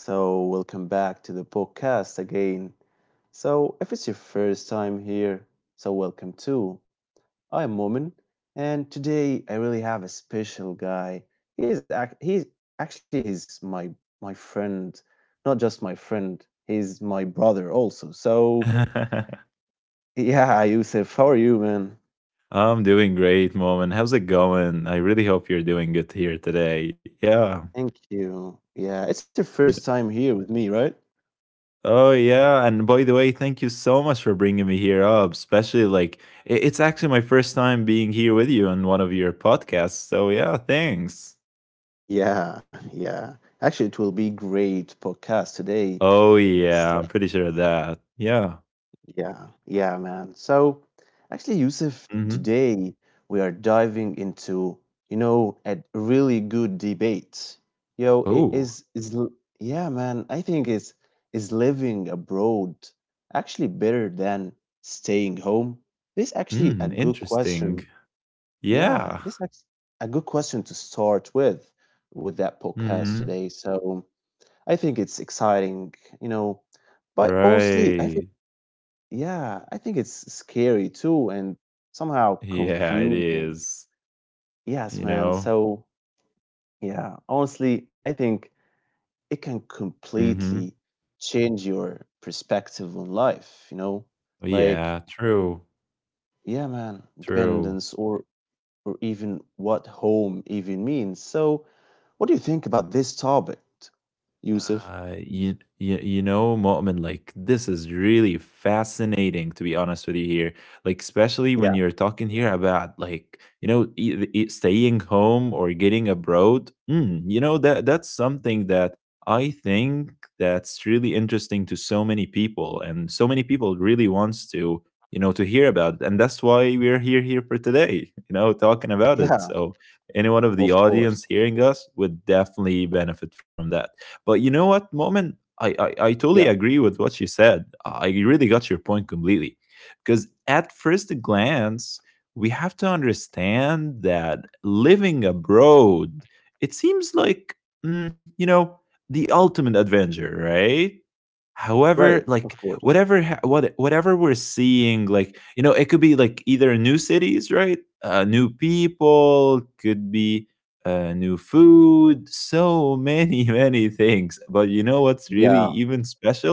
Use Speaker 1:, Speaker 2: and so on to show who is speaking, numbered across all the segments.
Speaker 1: So, welcome back to the podcast again. So, if it's your first time here, so welcome too. I'm Momin, and today I really have a special guy. He's ac- he's actually he's my my friend, not just my friend. He's my brother also. So, yeah, Yusuf, how are you, man?
Speaker 2: I'm doing great, mom. And how's it going? I really hope you're doing good here today. Yeah.
Speaker 1: Thank you. Yeah, it's your
Speaker 2: you know-
Speaker 1: first time here with me, right?
Speaker 2: Oh, yeah. And by the way, thank you so much for bringing me here up, especially like it's actually my first time being here with you on one of your podcasts. So, yeah, thanks.
Speaker 1: Yeah, yeah. Actually, it will be great podcast today.
Speaker 2: Oh,
Speaker 1: So,
Speaker 2: yeah. I'm pretty sure of that. Yeah.
Speaker 1: yeah, yeah, man. So, actually, Yusuf,
Speaker 2: Mm-hmm.
Speaker 1: today we are diving into a really good debate. Yo, it
Speaker 2: Oh,
Speaker 1: is l- yeah, man. I think it's is living abroad actually better than staying home? This actually a good question.
Speaker 2: Interesting.
Speaker 1: Yeah,
Speaker 2: Yeah.
Speaker 1: this actually a good question to start with that podcast
Speaker 2: Mm-hmm.
Speaker 1: today. So. I think it's exciting, you know, but honestly, I think
Speaker 2: Right.
Speaker 1: yeah, I think it's scary too and somehow
Speaker 2: Yeah, it
Speaker 1: confusing.
Speaker 2: is.
Speaker 1: Yes,
Speaker 2: You
Speaker 1: man.
Speaker 2: know?
Speaker 1: So, yeah, honestly, I think it can completely
Speaker 2: Hmm.
Speaker 1: change your perspective on life, you know?
Speaker 2: Well,
Speaker 1: Like,
Speaker 2: yeah, true,
Speaker 1: yeah, man,
Speaker 2: true.
Speaker 1: dependence or even what home even means. So, what do you think about this topic, Yusuf?
Speaker 2: You know, Mu'min, like this is really fascinating to be honest with you here. Like especially when
Speaker 1: Yeah.
Speaker 2: you're talking here about like staying home or getting abroad. You know, that's something that I think that's really interesting to so many people, and so many people really wants to to hear about it. And that's why we're here for today. You know, talking about it.
Speaker 1: Yeah,
Speaker 2: So anyone of the
Speaker 1: of course.
Speaker 2: audience hearing us would definitely benefit from that. But you know what, Moment, I totally
Speaker 1: Yeah.
Speaker 2: agree with what you said. I really got your point completely. Because at first glance, we have to understand that living abroad, it seems like, you know, the ultimate adventure, right? However,
Speaker 1: Right, of
Speaker 2: like
Speaker 1: course.
Speaker 2: whatever ha what whatever we're seeing, like, you know, it could be like either new cities, right? New people, could be new food, so many, many things. But you know what's really
Speaker 1: Yeah.
Speaker 2: even special?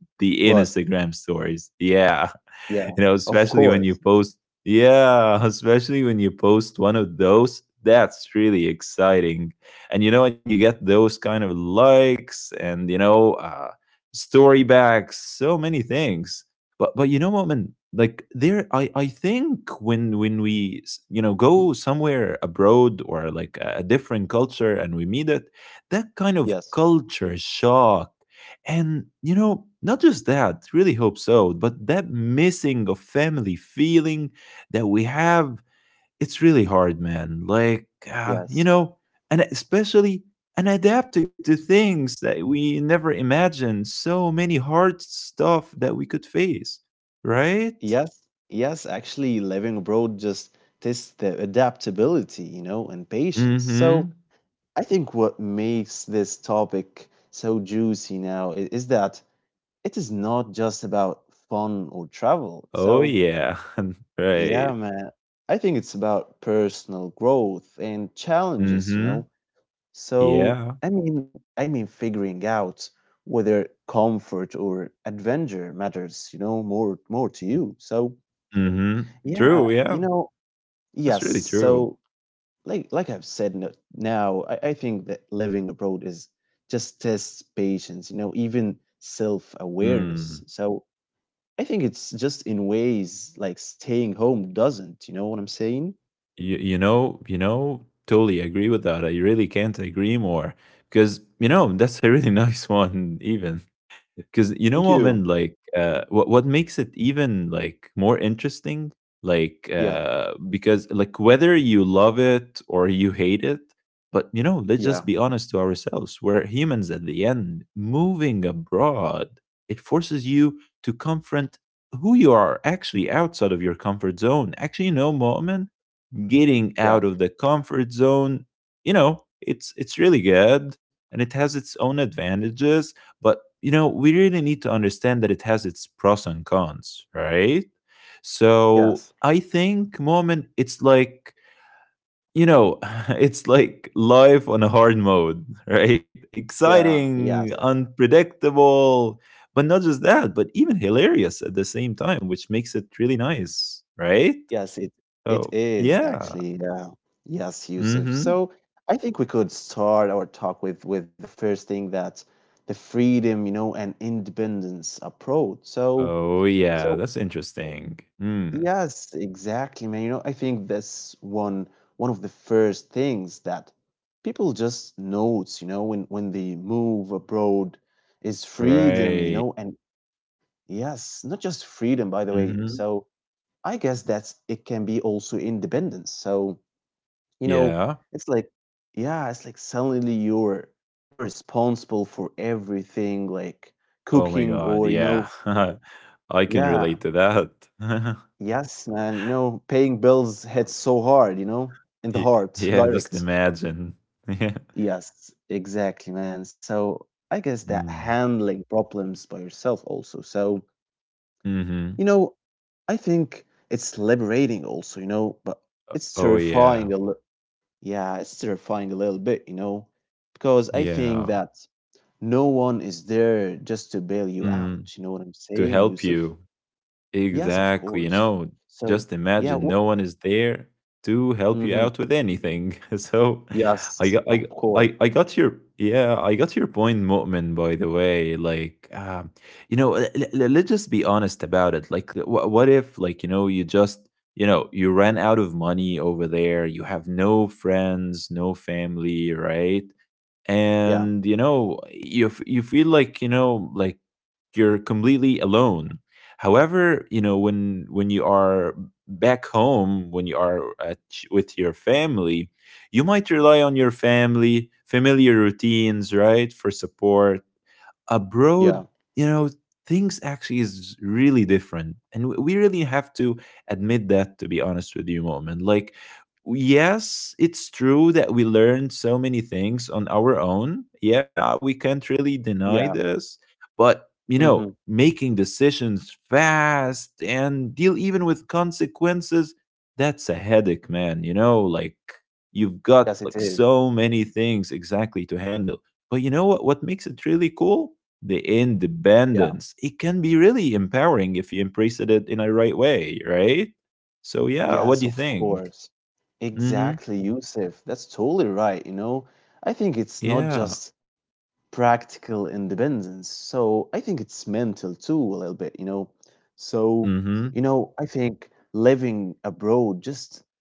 Speaker 2: The
Speaker 1: What?
Speaker 2: Instagram stories. Yeah.
Speaker 1: Yeah.
Speaker 2: You know,
Speaker 1: Of
Speaker 2: especially when you
Speaker 1: course.
Speaker 2: post. Yeah, especially when you post one of those, that's really exciting. And you know, and you get those kind of likes and story backs, so many things. But you know, Moment, like there, I think when you know go somewhere abroad or like a different culture and we meet it, that kind of
Speaker 1: Yes.
Speaker 2: culture shock and, you know, not just that, really hope so, but that missing of family feeling that we have, it's really hard, man. Like, you
Speaker 1: Yes.
Speaker 2: know, and especially and adapting to things that we never imagined, so many hard stuff that we could face, right?
Speaker 1: Yes. Yes. Actually, living abroad just tests the adaptability, you know, and patience.
Speaker 2: Mm hmm.
Speaker 1: So I think what makes this topic so juicy now is that it is not just about fun or travel.
Speaker 2: Oh,
Speaker 1: So
Speaker 2: yeah. Right.
Speaker 1: yeah, man. I think it's about personal growth and
Speaker 2: Mm
Speaker 1: challenges, you
Speaker 2: hmm.
Speaker 1: know. So,
Speaker 2: Yeah.
Speaker 1: I mean, figuring out whether comfort or adventure matters, you know, more to you. So,
Speaker 2: Mm hmm.
Speaker 1: yeah,
Speaker 2: True.
Speaker 1: you
Speaker 2: Yeah.
Speaker 1: know,
Speaker 2: That's
Speaker 1: yes.
Speaker 2: really true.
Speaker 1: So, like I've said now, I think that living abroad is just tests patience, you know, even
Speaker 2: Mm.
Speaker 1: self-awareness. So, I think it's just in ways like staying home doesn't, you know what I'm saying?
Speaker 2: You know, totally agree with that. I really can't agree more because you know that's a really nice one, even because you know what,
Speaker 1: Thank
Speaker 2: man.
Speaker 1: you.
Speaker 2: Like, what makes it even like more interesting, like,
Speaker 1: Yeah,
Speaker 2: because like whether you love it or you hate it, but you know, let's just
Speaker 1: yeah,
Speaker 2: be honest to ourselves. We're humans at the end. Moving abroad, it forces you to confront who you are actually outside of your comfort zone. Actually, you know, moment, getting
Speaker 1: yeah,
Speaker 2: out of the comfort zone, you know, it's really good and it has its own advantages, but you know we really need to understand that it has its pros and cons, right? So
Speaker 1: yes,
Speaker 2: I think, moment, it's like you know it's like life on a hard mode. Right,
Speaker 1: yeah,
Speaker 2: exciting,
Speaker 1: yes,
Speaker 2: unpredictable, but not just that, but even hilarious at the same time, which makes it really nice, right?
Speaker 1: yes. It
Speaker 2: Oh
Speaker 1: is
Speaker 2: yeah.
Speaker 1: actually. Yeah, yes, Yusuf.
Speaker 2: Mm-hmm.
Speaker 1: So I think we could start our talk with the first thing that the freedom, you know, and independence approach. So
Speaker 2: Oh, yeah,
Speaker 1: so
Speaker 2: that's interesting. Hmm.
Speaker 1: yes, exactly, man. You know, I think that's one of the first things that people just notes. You know, when they move abroad is freedom. You
Speaker 2: Right.
Speaker 1: know, and yes, not just freedom, by the way.
Speaker 2: Mhm.
Speaker 1: So I guess that's it can be also independence. So, you know,
Speaker 2: Yeah.
Speaker 1: it's like, yeah, it's like suddenly you're responsible for everything, like
Speaker 2: Oh my
Speaker 1: cooking or,
Speaker 2: god,
Speaker 1: you know,
Speaker 2: yeah. I can
Speaker 1: yeah,
Speaker 2: relate to that.
Speaker 1: yes, man, you know, paying bills hits so hard, you know, in the
Speaker 2: Ye
Speaker 1: heart,
Speaker 2: Yeah, just
Speaker 1: direct.
Speaker 2: imagine. Yeah.
Speaker 1: Yes, exactly, man. So I guess that
Speaker 2: Mm.
Speaker 1: handling problems by yourself also. So,
Speaker 2: Mhm.
Speaker 1: you know, I think it's liberating also, you know, but it's
Speaker 2: Oh, yeah.
Speaker 1: terrifying a little. Yeah, it's terrifying a little bit, you know, because I think
Speaker 2: Yeah.
Speaker 1: that no one is there just to bail you out.
Speaker 2: Mm,
Speaker 1: You know what I'm
Speaker 2: to
Speaker 1: saying,
Speaker 2: help
Speaker 1: Yusuf?
Speaker 2: you.
Speaker 1: Yes, of
Speaker 2: Exactly. You
Speaker 1: course.
Speaker 2: know,
Speaker 1: So,
Speaker 2: just
Speaker 1: yeah.
Speaker 2: imagine no one is there to help you
Speaker 1: Hmm
Speaker 2: out with anything. So I
Speaker 1: Yes,
Speaker 2: got I
Speaker 1: of course.
Speaker 2: I got your yeah I got your point, Mu'min. By the way, like you know, let's just be honest about it. Like, what if like you know you just you know you ran out of money over there. You have no friends, no family, right?
Speaker 1: Yeah,
Speaker 2: And you know you feel like you know like you're completely alone. However, you know, when you are back home, when you are at, with your family, you might rely on your family familiar routines, right, for support.
Speaker 1: yeah,
Speaker 2: Abroad, you know, things actually is really different. And we really have to admit that, to be honest with you, moment. Like, yes, it's true that we learned so many things on our own. Yeah, we can't really deny
Speaker 1: yeah.
Speaker 2: this. But, you
Speaker 1: hmm
Speaker 2: know, making decisions fast and deal even with consequences, that's a headache, man. You know, like, you've got
Speaker 1: Yes, it
Speaker 2: like
Speaker 1: is.
Speaker 2: so many things exactly to handle. But you know what? What makes it really cool? The
Speaker 1: Yeah.
Speaker 2: independence, it can be really empowering if you embrace it in a right way, right? So yeah,
Speaker 1: Yes,
Speaker 2: what do you
Speaker 1: of
Speaker 2: think?
Speaker 1: course.
Speaker 2: Mm-hmm.
Speaker 1: Exactly, Yusuf. That's totally right. You know, I think it's not
Speaker 2: Yeah.
Speaker 1: just practical independence. So I think it's mental too, a little bit, you know. So,
Speaker 2: Mm-hmm.
Speaker 1: you know, I think living abroad just,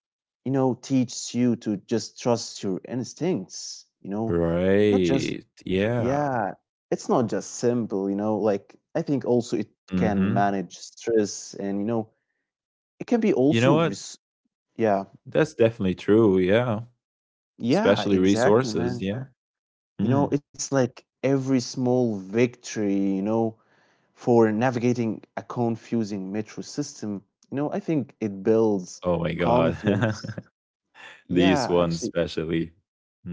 Speaker 1: you know, teaches you to just trust your instincts, you know, not
Speaker 2: Right.
Speaker 1: just,
Speaker 2: Yeah.
Speaker 1: yeah, it's not just simple, you know, like I think also it can
Speaker 2: Mm-hmm.
Speaker 1: manage stress and, you know, it can be
Speaker 2: You know
Speaker 1: also,
Speaker 2: what?
Speaker 1: yeah,
Speaker 2: That's definitely true. Yeah.
Speaker 1: yeah,
Speaker 2: Especially
Speaker 1: exactly,
Speaker 2: resources.
Speaker 1: man.
Speaker 2: Yeah.
Speaker 1: You know,
Speaker 2: Mm.
Speaker 1: it's like every small victory, you know, for navigating a confusing metro system, you know, I think it builds
Speaker 2: Oh my God.
Speaker 1: confidence. Yeah,
Speaker 2: These ones,
Speaker 1: actually,
Speaker 2: especially.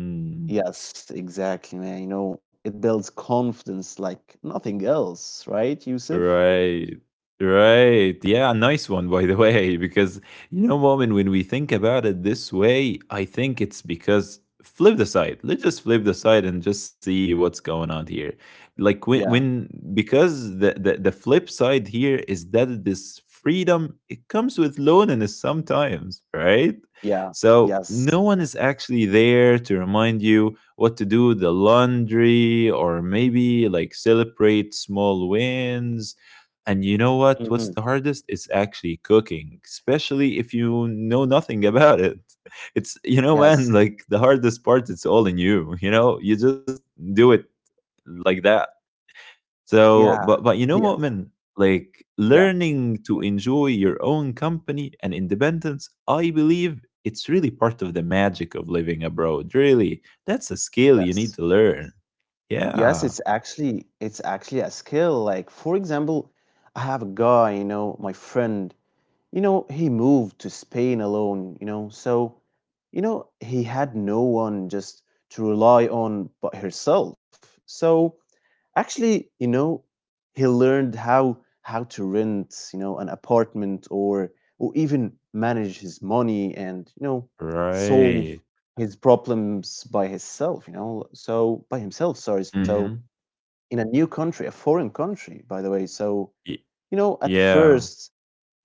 Speaker 2: Mm.
Speaker 1: yes, exactly, man. You know, it builds confidence like nothing else, right, Yusuf?
Speaker 2: Right. Right. Yeah, nice one, by the way. Because, you know, Moment, when we think about it this way, I think it's because flip the side. Let's just flip the side and just see what's going on here. Like,
Speaker 1: Yeah,
Speaker 2: when because the flip side here is that this freedom, it comes with loneliness sometimes, right?
Speaker 1: yeah,
Speaker 2: So, no
Speaker 1: yes,
Speaker 2: one is actually there to remind you what to do, the laundry, or maybe like celebrate small wins. And you know what? What's the
Speaker 1: hmm
Speaker 2: hardest? It's actually cooking, especially if you know nothing about it. It's, you know, man,
Speaker 1: yes,
Speaker 2: like the hardest part, it's all in you. You know, you just do it like that. So, but
Speaker 1: yeah,
Speaker 2: but you know, what,
Speaker 1: yes,
Speaker 2: man? Like
Speaker 1: yeah,
Speaker 2: learning to enjoy your own company and independence, I believe it's really part of the magic of living abroad. Really, that's a skill you need to
Speaker 1: yes,
Speaker 2: learn.
Speaker 1: yes.
Speaker 2: Yeah,
Speaker 1: It's actually a skill. Like, for example, I have a guy, you know, my friend. You know, he moved to Spain alone, you know, so, you know, he had no one just to rely on but herself. So actually, you know, he learned how to rent, you know, an apartment or even manage his money and, you know, solve
Speaker 2: right.
Speaker 1: his problems by himself, you know. So by himself, sorry. So
Speaker 2: Mm-hmm.
Speaker 1: in a new country, a foreign country, by the way. So, you know, at
Speaker 2: Yeah,
Speaker 1: first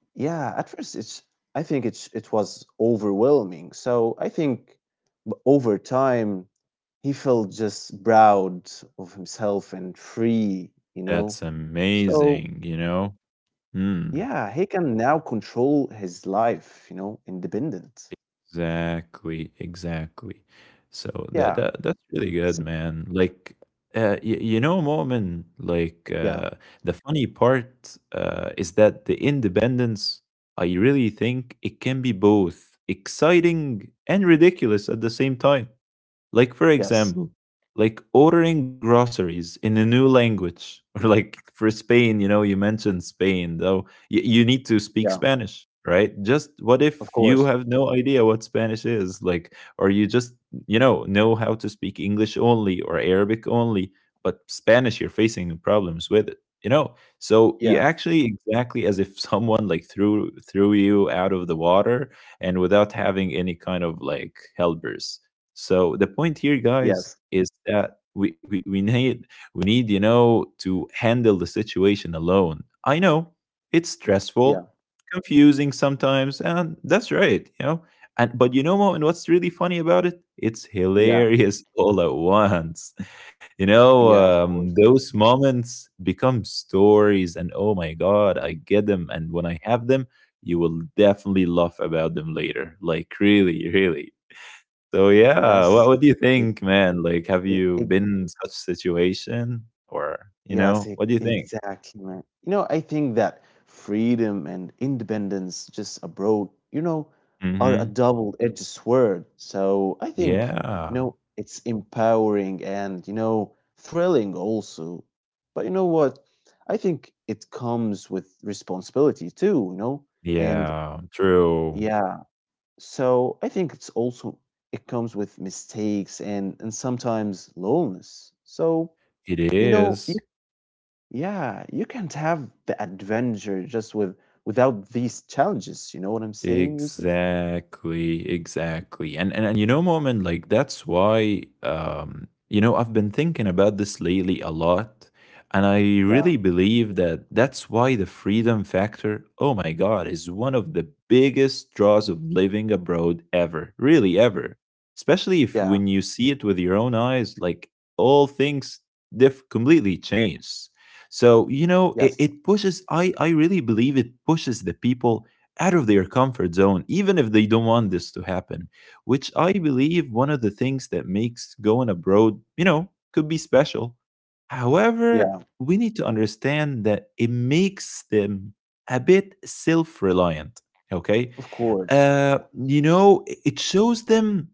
Speaker 1: yeah, at first it's I think it's it was overwhelming. So I think over time he felt just proud of himself and free, you know.
Speaker 2: that's
Speaker 1: So
Speaker 2: amazing. You know. Hmm.
Speaker 1: yeah, he can now control his life, you know, independent.
Speaker 2: Exactly, exactly. So that
Speaker 1: Yeah.
Speaker 2: that that's really good,
Speaker 1: s-
Speaker 2: man. Like, y you know, Mo'min, like
Speaker 1: yeah.
Speaker 2: the funny part is that the independence, I really think it can be both exciting and ridiculous at the same time. Like, for
Speaker 1: Yes.
Speaker 2: example, like ordering groceries in a new language, or like for Spain, you know, you mentioned Spain, though you need to speak
Speaker 1: Yeah.
Speaker 2: Spanish, right? Just what if
Speaker 1: Of
Speaker 2: you
Speaker 1: course.
Speaker 2: have no idea what Spanish is, like, or you just, you know how to speak English only or Arabic only, but Spanish, you're facing problems with it, you know? So you
Speaker 1: Yeah.
Speaker 2: actually exactly as if someone like threw you out of the water and without having any kind of like helpers. So the point here, guys,
Speaker 1: Yes.
Speaker 2: is that we need, you know, to handle the situation alone. I know it's stressful,
Speaker 1: Yeah.
Speaker 2: confusing sometimes, and that's right, you know. And but you know, Mo, and what's really funny about it? It's
Speaker 1: Yeah.
Speaker 2: hilarious all at once. You know,
Speaker 1: Yeah, of course.
Speaker 2: those moments become stories, and oh my god, I get them, and when I have them, you will definitely laugh about them later. Like really, really. So yeah, what
Speaker 1: Yes.
Speaker 2: do you think, man? Like, have
Speaker 1: It.
Speaker 2: you
Speaker 1: e-
Speaker 2: been in such situation, or you know,
Speaker 1: Yes,
Speaker 2: what do you think?
Speaker 1: exactly, man. You know, I think that freedom and independence just abroad, you know, are a
Speaker 2: Hmm.
Speaker 1: double-edged sword. So I think, you
Speaker 2: Yeah,
Speaker 1: know, it's empowering and, you know, thrilling also. But you know what? I think it comes with responsibility too, you know? And
Speaker 2: yeah, true.
Speaker 1: yeah, so I think it's also, it comes with mistakes and sometimes loneliness. So,
Speaker 2: It
Speaker 1: you know,
Speaker 2: is.
Speaker 1: yeah, you can't have the adventure just without these challenges. You know what I'm saying, Yusuf?
Speaker 2: Exactly, exactly. And you know, Moment, like that's why you know, I've been thinking about this lately a lot. And I really
Speaker 1: Yeah,
Speaker 2: believe that that's why the freedom factor, oh my God, is one of the biggest draws of living abroad ever, really ever. Especially if
Speaker 1: yeah,
Speaker 2: when you see it with your own eyes, like all things completely change. So, you know, it,
Speaker 1: yes,
Speaker 2: it pushes, I really believe it pushes the people out of their comfort zone, even if they don't want this to happen, which I believe one of the things that makes going abroad, you know, could be special. However,
Speaker 1: yeah,
Speaker 2: we need to understand that it makes them a bit self reliant. Okay.
Speaker 1: of course.
Speaker 2: You know, it shows them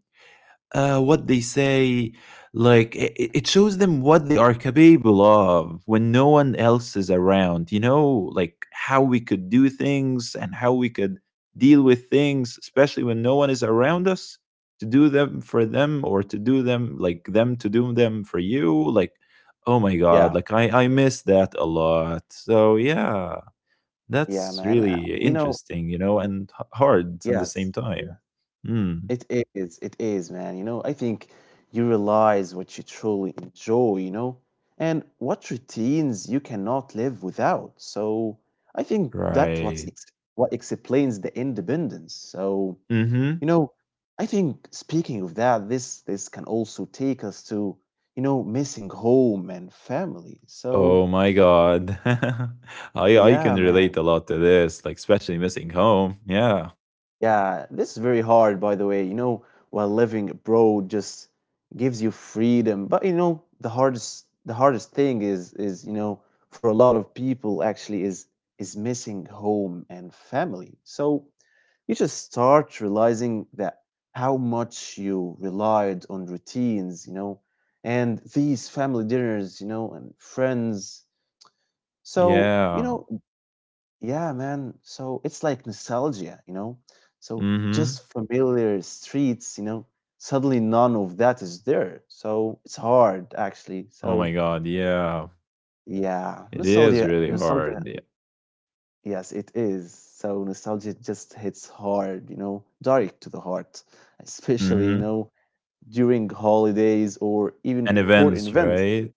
Speaker 2: what they say. Like it shows them what they are capable of when no one else is around. You know, like how we could do things and how we could deal with things, especially when no one is around us to do them for them or to do them like them to do them for you. Like, oh my
Speaker 1: Yeah,
Speaker 2: god, like I miss that a lot. So yeah,
Speaker 1: yeah,
Speaker 2: that's
Speaker 1: man.
Speaker 2: really
Speaker 1: You know,
Speaker 2: interesting, you know, and hard at the same
Speaker 1: yes,
Speaker 2: time. Mm,
Speaker 1: it is. It is, man. You know, I think you realize what you truly enjoy, you know, and what routines you cannot live without. So I think that's what's
Speaker 2: right.
Speaker 1: ex what explains the independence. So
Speaker 2: Mm-hmm.
Speaker 1: you know, I think speaking of that, this can also take us to, you know, missing home and family. So
Speaker 2: Oh my god.
Speaker 1: yeah,
Speaker 2: I can
Speaker 1: man.
Speaker 2: relate a lot to this, like especially missing home. Yeah.
Speaker 1: Yeah, this is very hard by the way, you know, while living abroad just gives you freedom. But you know, the hardest thing is, you know, for a lot of people actually is missing home and family. So you just start realizing that how much you relied on routines, you know, and these family dinners, you know, and friends. So, you
Speaker 2: Yeah.
Speaker 1: know, yeah, man. So it's like nostalgia, you know. So just
Speaker 2: Mhm.
Speaker 1: familiar streets, you know, suddenly none of that is there. So it's hard actually.
Speaker 2: Oh
Speaker 1: So
Speaker 2: my god, yeah.
Speaker 1: yeah,
Speaker 2: It is
Speaker 1: nostalgia,
Speaker 2: really hard.
Speaker 1: nostalgia
Speaker 2: Yeah.
Speaker 1: Yes, it is. So nostalgia just hits hard, you know, direct to the heart, especially, you
Speaker 2: Mhm.
Speaker 1: know, during holidays or even
Speaker 2: And
Speaker 1: important
Speaker 2: events,
Speaker 1: events.
Speaker 2: right?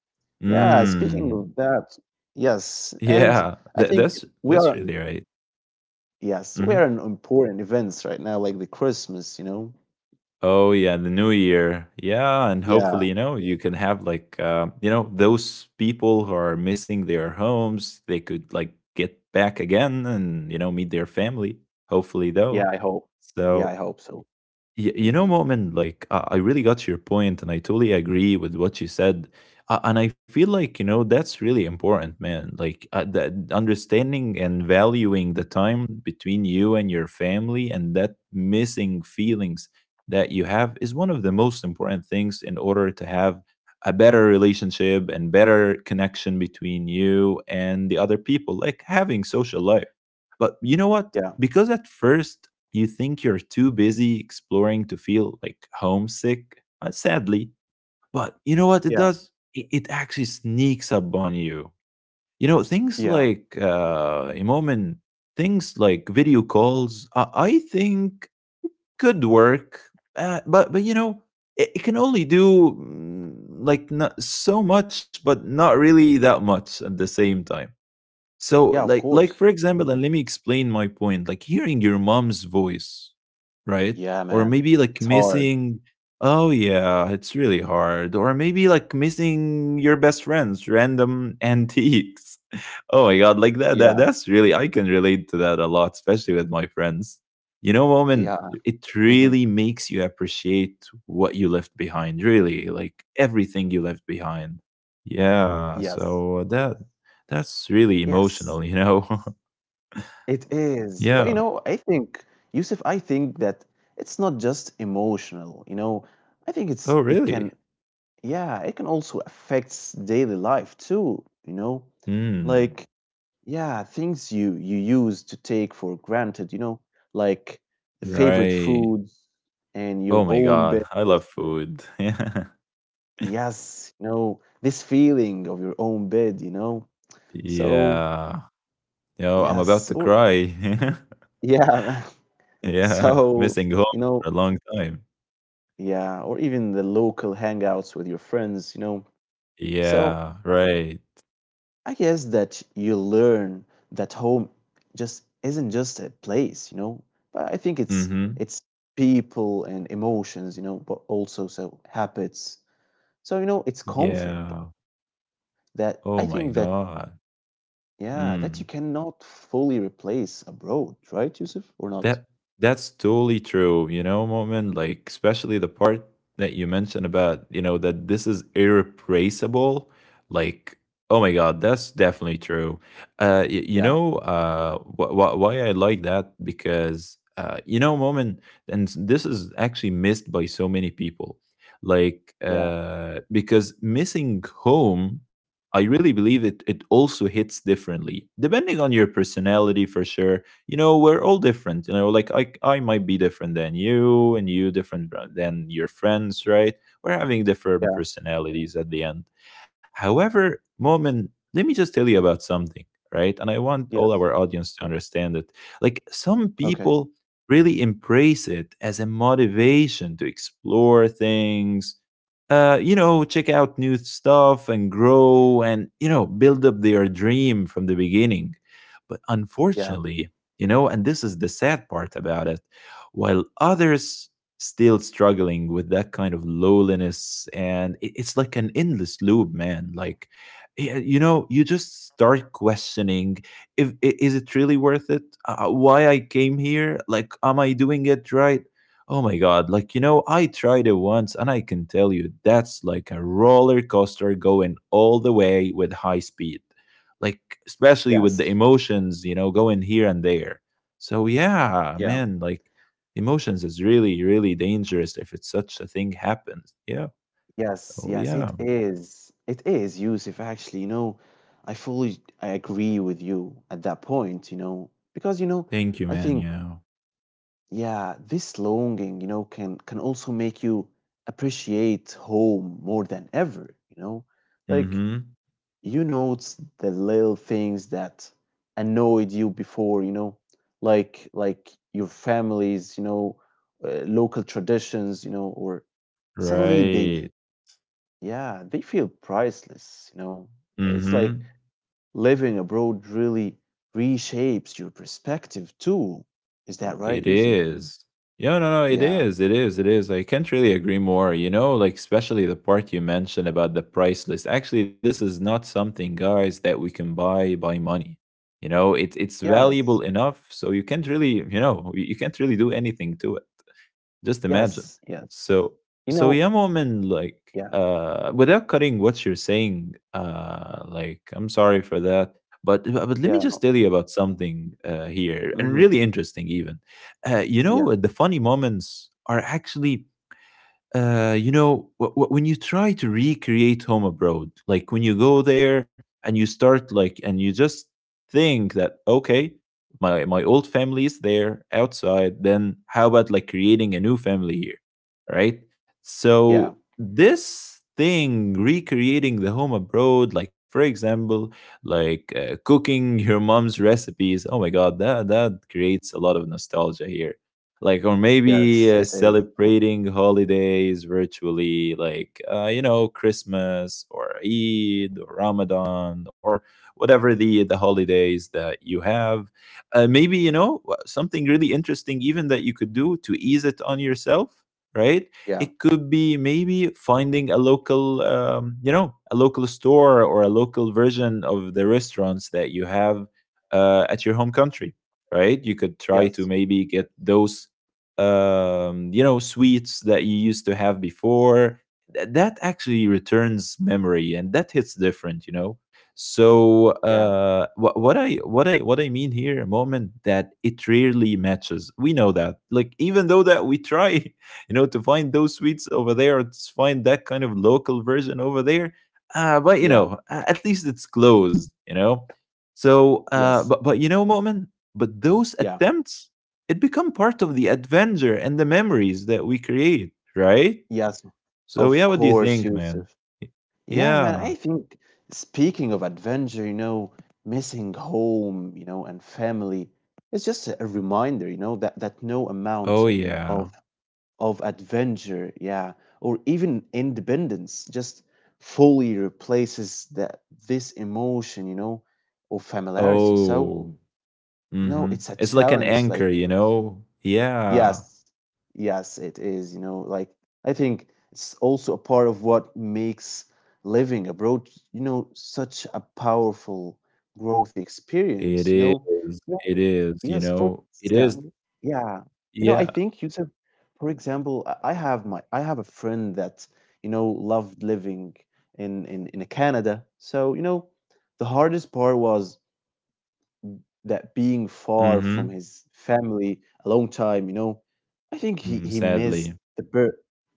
Speaker 1: Yeah, speaking
Speaker 2: Mm.
Speaker 1: of that, yes. And
Speaker 2: Yeah.
Speaker 1: I think we
Speaker 2: That's
Speaker 1: are,
Speaker 2: really right.
Speaker 1: yes, we are
Speaker 2: Mhm.
Speaker 1: in important events right now, like the Christmas, you know.
Speaker 2: Oh yeah, the new year. Yeah, and hopefully,
Speaker 1: Yeah,
Speaker 2: you know, you can have like you know, those people who are missing their homes, they could like get back again and, you know, meet their family, hopefully though.
Speaker 1: yeah, I hope. Yeah,
Speaker 2: So
Speaker 1: I hope so.
Speaker 2: You know,
Speaker 1: hmm
Speaker 2: Mo'min, like I really got your point, and I totally agree with what you said. And I feel like you know that's really important, man. Like that understanding and valuing the time between you and your family, and that missing feelings that you have is one of the most important things in order to have a better relationship and better connection between you and the other people. Like having social life. But you know what?
Speaker 1: Yeah,
Speaker 2: Because at first you think you're too busy exploring to feel like homesick, sadly. But you know what it
Speaker 1: yeah,
Speaker 2: does? It actually sneaks up on you. You know, things
Speaker 1: yeah,
Speaker 2: like, a moment, things like video calls, I think could work. But you know, it can only do like not so much, but not really that much at the same time. So
Speaker 1: yeah, of
Speaker 2: like for
Speaker 1: course.
Speaker 2: example, and
Speaker 1: hmm
Speaker 2: let me explain my point. Like hearing your mom's voice, right?
Speaker 1: Yeah,
Speaker 2: Or
Speaker 1: man,
Speaker 2: maybe like
Speaker 1: it's hard.
Speaker 2: missing oh yeah, it's really hard. Or maybe like missing your best friend's random antiques. Oh my god, like that
Speaker 1: Yeah,
Speaker 2: that that's really I can relate to that a lot, especially with my friends. You know,
Speaker 1: yeah.
Speaker 2: woman, it
Speaker 1: hmm
Speaker 2: really makes you appreciate what you left behind, really, like everything you left behind. Yeah,
Speaker 1: Yes.
Speaker 2: so that's really
Speaker 1: Yes,
Speaker 2: emotional, you know?
Speaker 1: it is. But you
Speaker 2: Yeah.
Speaker 1: know, I think, Yusuf, I think that it's not just emotional, you know. I think it's
Speaker 2: Oh,
Speaker 1: it can
Speaker 2: really?
Speaker 1: yeah, it can also affects daily life too, you know.
Speaker 2: Hmm.
Speaker 1: Like yeah, things you use to take for granted, you know, like the favorite
Speaker 2: Right.
Speaker 1: foods and your
Speaker 2: Oh my
Speaker 1: own bed.
Speaker 2: God. I love food. Yeah.
Speaker 1: Yes, you know, this feeling of your own bed, you know. So,
Speaker 2: Yeah. Yo, I'm about
Speaker 1: yes,
Speaker 2: to
Speaker 1: or
Speaker 2: cry.
Speaker 1: yeah.
Speaker 2: Yeah.
Speaker 1: So,
Speaker 2: Missing home
Speaker 1: you know,
Speaker 2: for a long time.
Speaker 1: yeah, or even the local hangouts with your friends, you know. So
Speaker 2: Yeah. Right.
Speaker 1: I guess that you learn that home just isn't just a place, you know. But I think it's
Speaker 2: Mm-hmm.
Speaker 1: it's people and emotions, you know, but also so habits. So you know, it's comfort
Speaker 2: Yeah.
Speaker 1: that
Speaker 2: Oh
Speaker 1: I
Speaker 2: my
Speaker 1: think that
Speaker 2: God.
Speaker 1: yeah, that you
Speaker 2: Mm.
Speaker 1: cannot fully replace abroad, right, Yusuf? Or not?
Speaker 2: That that's totally true, you know, moment, like especially the part that you mentioned about, you know, that this is irreplaceable, like oh my god, that's definitely true. You
Speaker 1: Yeah,
Speaker 2: know, why I like that because you know, moment, this is actually missed by so many people. Like
Speaker 1: yeah,
Speaker 2: because missing home I really believe it also hits differently depending on your personality for sure. You know, we're all different, you know, like I might be different than you, and you different than your friends, right? We're having different
Speaker 1: yeah,
Speaker 2: personalities at the end. However moment, let me just tell you about something, right? And I want all
Speaker 1: yes.
Speaker 2: our audience to understand it. Like some
Speaker 1: Okay.
Speaker 2: people really embrace it as a motivation to explore things, you know, check out new stuff and grow and, you know, build up their dream from the beginning. But
Speaker 1: Yeah.
Speaker 2: unfortunately, you know, and this is the sad part about it, while others still struggling with that kind of lowliness, and it's like an endless loop, man. Like you know, you just start questioning, if I- is it really worth it, why I came here, like am I doing it right? Oh my god, like you know, I tried it once and I can tell you that's like a roller coaster going all the way with high speed, like especially with
Speaker 1: Yes.
Speaker 2: the emotions, you know, going here and there. So yeah,
Speaker 1: Yeah.
Speaker 2: man, like emotions is really really dangerous if it's such a thing happens. Yeah.
Speaker 1: Yes,
Speaker 2: Oh
Speaker 1: yes,
Speaker 2: yeah.
Speaker 1: it is. It is, Yusuf, actually, you know, I agree with you at that point, you know, because you know,
Speaker 2: Thank you
Speaker 1: I
Speaker 2: man.
Speaker 1: think,
Speaker 2: Yeah.
Speaker 1: yeah, this longing, you know, can also make you appreciate home more than ever, you know? Like
Speaker 2: Mm-hmm.
Speaker 1: you notice the little things that annoyed you before, you know, like your families, you know, local traditions, you know, or suddenly they
Speaker 2: Right.
Speaker 1: yeah, they feel priceless, you know. It's like
Speaker 2: Mm-hmm.
Speaker 1: living abroad really reshapes your perspective too. Is that
Speaker 2: It
Speaker 1: right, Yusuf?
Speaker 2: is. Mm. Yeah, no, no, it
Speaker 1: Yeah.
Speaker 2: is. It is. It is. I can't really agree more. You know, like, especially the part you mentioned about the price list. Actually, this is not something, guys, that we can buy by money. You know, it's valuable
Speaker 1: Yes.
Speaker 2: enough. So you can't really, you know, you can't really do anything to it. Just imagine.
Speaker 1: Yes. Yes.
Speaker 2: So
Speaker 1: You
Speaker 2: so yeah,
Speaker 1: know,
Speaker 2: Mo'min, like
Speaker 1: yeah.
Speaker 2: without cutting what you're saying, like I'm sorry for that. But let me
Speaker 1: Yeah,
Speaker 2: just tell
Speaker 1: no.
Speaker 2: you about something here and
Speaker 1: Mm-hmm.
Speaker 2: really interesting even. You know,
Speaker 1: Yeah.
Speaker 2: the funny moments are actually you know, when you try to recreate home abroad, like when you go there and you start like, and you just think that okay, my old family is there outside. Then how about like creating a new family here, right? So
Speaker 1: Yeah.
Speaker 2: this thing recreating the home abroad, like for example, like cooking your mom's recipes. Oh my god, that creates a lot of nostalgia here, like or maybe
Speaker 1: Yes, it is.
Speaker 2: celebrating holidays virtually like you know, Christmas or Eid or Ramadan or whatever the holidays that you have. Maybe you know, something really interesting even that you could do to ease it on yourself, right?
Speaker 1: Yeah.
Speaker 2: It could be maybe finding a local you know, a local store or a local version of the restaurants that you have at your home country, right? You could try to
Speaker 1: Yes.
Speaker 2: maybe get those you know, sweets that you used to have before. That actually returns memory, and that hits different, you know. So
Speaker 1: Yeah.
Speaker 2: what, what I mean here, a moment, that it rarely matches. We know that, like even though that we try, you know, to find those sweets over there, or to find that kind of local version over there. But you
Speaker 1: Yeah.
Speaker 2: know, at least it's closed, you know. So, uh,
Speaker 1: Yes.
Speaker 2: but but you know, moment, but those
Speaker 1: Yeah.
Speaker 2: attempts it become part of the adventure and the memories that we create, right?
Speaker 1: Yes.
Speaker 2: So
Speaker 1: Of
Speaker 2: yeah, what do you
Speaker 1: course,
Speaker 2: think, man?
Speaker 1: Yusuf. Yeah, man,
Speaker 2: Yeah.
Speaker 1: I think speaking of adventure, you know, missing home, you know, and family, it's just a reminder, you know, that no amount
Speaker 2: Oh
Speaker 1: of
Speaker 2: yeah.
Speaker 1: of adventure, yeah, or even independence just fully replaces that this emotion, you know, of familiarity. So,
Speaker 2: Oh.
Speaker 1: you know,
Speaker 2: Mm-hmm.
Speaker 1: it's a
Speaker 2: It's like an
Speaker 1: challenge like
Speaker 2: anchor, you know? Yeah.
Speaker 1: yes, yes, it is. You know, like I think it's also a part of what makes living abroad, you know, such a powerful growth experience.
Speaker 2: It
Speaker 1: You
Speaker 2: is.
Speaker 1: know,
Speaker 2: It is,
Speaker 1: yes,
Speaker 2: you
Speaker 1: for
Speaker 2: know. It
Speaker 1: example,
Speaker 2: is.
Speaker 1: yeah, you know, I
Speaker 2: Yeah.
Speaker 1: think Yusuf, for example, I have a friend that you know loved living in Canada. So you know, the hardest part was that being far from
Speaker 2: Mm-hmm.
Speaker 1: his family a long time, you know, I think he
Speaker 2: Mm,
Speaker 1: missed
Speaker 2: sadly.
Speaker 1: the birth.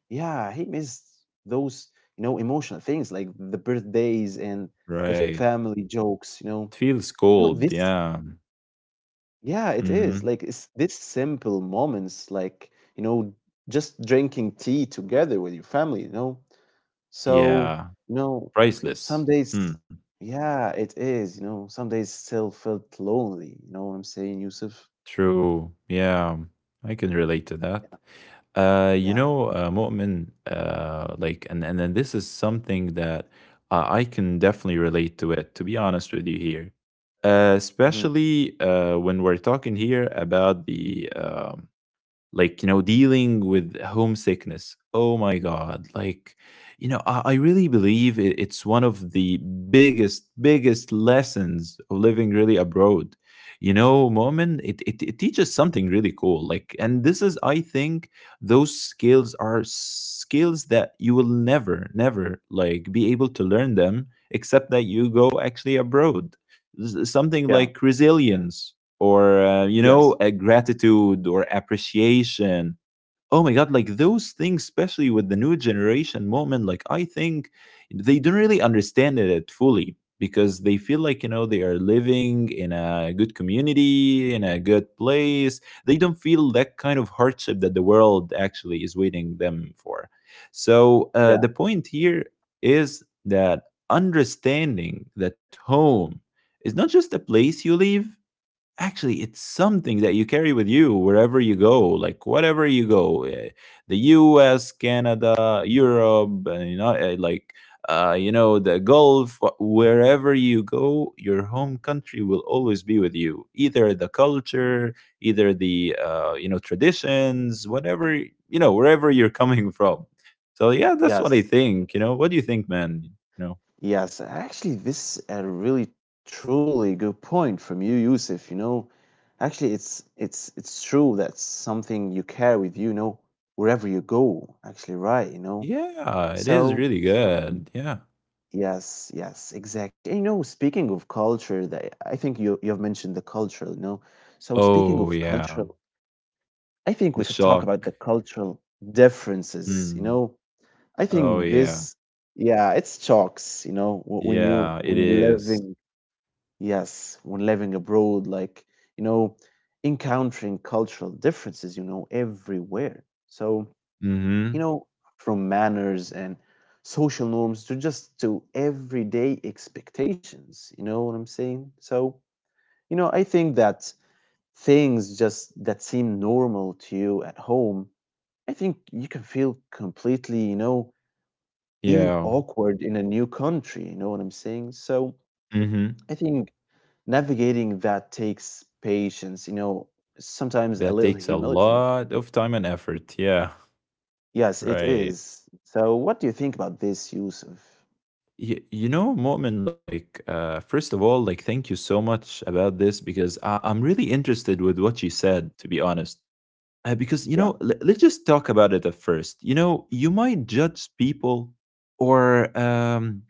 Speaker 1: Yeah, he missed those you know emotional things like the birthdays and the
Speaker 2: Right.
Speaker 1: family jokes.
Speaker 2: It feels
Speaker 1: You know
Speaker 2: cold,
Speaker 1: this.
Speaker 2: yeah.
Speaker 1: Yeah, it is
Speaker 2: Mm-hmm.
Speaker 1: like it's this simple moments, like you know, just drinking tea together with your family. So
Speaker 2: Yeah.
Speaker 1: you know, some
Speaker 2: Priceless.
Speaker 1: days.
Speaker 2: Hmm.
Speaker 1: Yeah, it is. Some days still felt lonely. You know what I'm saying, Yusuf?
Speaker 2: True. Yeah. I can relate to that. You
Speaker 1: Yeah.
Speaker 2: know, Mu'min, like, and then this is something that I can definitely relate to it, to be honest with you here.
Speaker 1: Hmm.
Speaker 2: Especially when we're talking here about the like you know, dealing with homesickness. Oh my god, like you know, I really believe it's one of the biggest lessons of living really abroad. You know moment, it teaches something really cool, like, and this is I think those skills are skills that you will never like be able to learn them except that you go actually abroad. Something
Speaker 1: Yeah.
Speaker 2: like resilience or you
Speaker 1: Yes.
Speaker 2: know, gratitude or appreciation. Oh my god, like those things, especially with the new generation, moment, like I think they don't really understand it fully, because they feel like you know they are living in a good community in a good place. They don't feel that kind of hardship that the world actually is waiting them for. So
Speaker 1: Yeah.
Speaker 2: the point here is that understanding that home is not just a place you leave, actually it's something that you carry with you wherever you go, like whatever you go, the US, Canada, Europe, and you know, like you know, the Gulf, wherever you go, your home country will always be with you, either the culture, either the you know, traditions, whatever, you know, wherever you're coming from. So yeah, that's what I
Speaker 1: Yes.
Speaker 2: think. You know, what do you think, man, you know?
Speaker 1: Yes. Actually, this a really truly good point from you, Yusuf. Actually, it's true. That's something you carry with you, wherever you go. Actually, right. You know.
Speaker 2: Yeah, it is
Speaker 1: So
Speaker 2: really good. Yeah.
Speaker 1: yes, yes, exactly. And, you know, speaking of culture, that I think you have mentioned the cultural. You know, so speaking of
Speaker 2: Oh
Speaker 1: cultural,
Speaker 2: yeah.
Speaker 1: I think we
Speaker 2: The
Speaker 1: could talk about the
Speaker 2: shock.
Speaker 1: cultural differences.
Speaker 2: Mm.
Speaker 1: I
Speaker 2: Oh,
Speaker 1: think
Speaker 2: yeah.
Speaker 1: this, yeah, it's shocks, you know, when you
Speaker 2: Yeah, it
Speaker 1: when
Speaker 2: is.
Speaker 1: living, yes, when living abroad, like you know, encountering cultural differences, you know, everywhere. So you
Speaker 2: Mhm.
Speaker 1: know, from manners and social norms to just to everyday expectations. You know what I'm saying? So I think that things just that seem normal to you at home, I think you can feel completely, you know even
Speaker 2: Yeah.
Speaker 1: awkward in a new country. You know what I'm saying? So
Speaker 2: Mhm.
Speaker 1: I think navigating that takes patience, you know, sometimes a
Speaker 2: That
Speaker 1: little
Speaker 2: takes a
Speaker 1: humility.
Speaker 2: lot of time and effort. Yeah.
Speaker 1: Yes, it
Speaker 2: Right.
Speaker 1: is. So what do you think about this, Yusuf?
Speaker 2: You know, Mu'min, like, first of all, like, thank you so much about this, because I'm really interested with what you said, to be honest. Because, you
Speaker 1: Yeah,
Speaker 2: know, let's just talk about it at first. You know, you might judge people or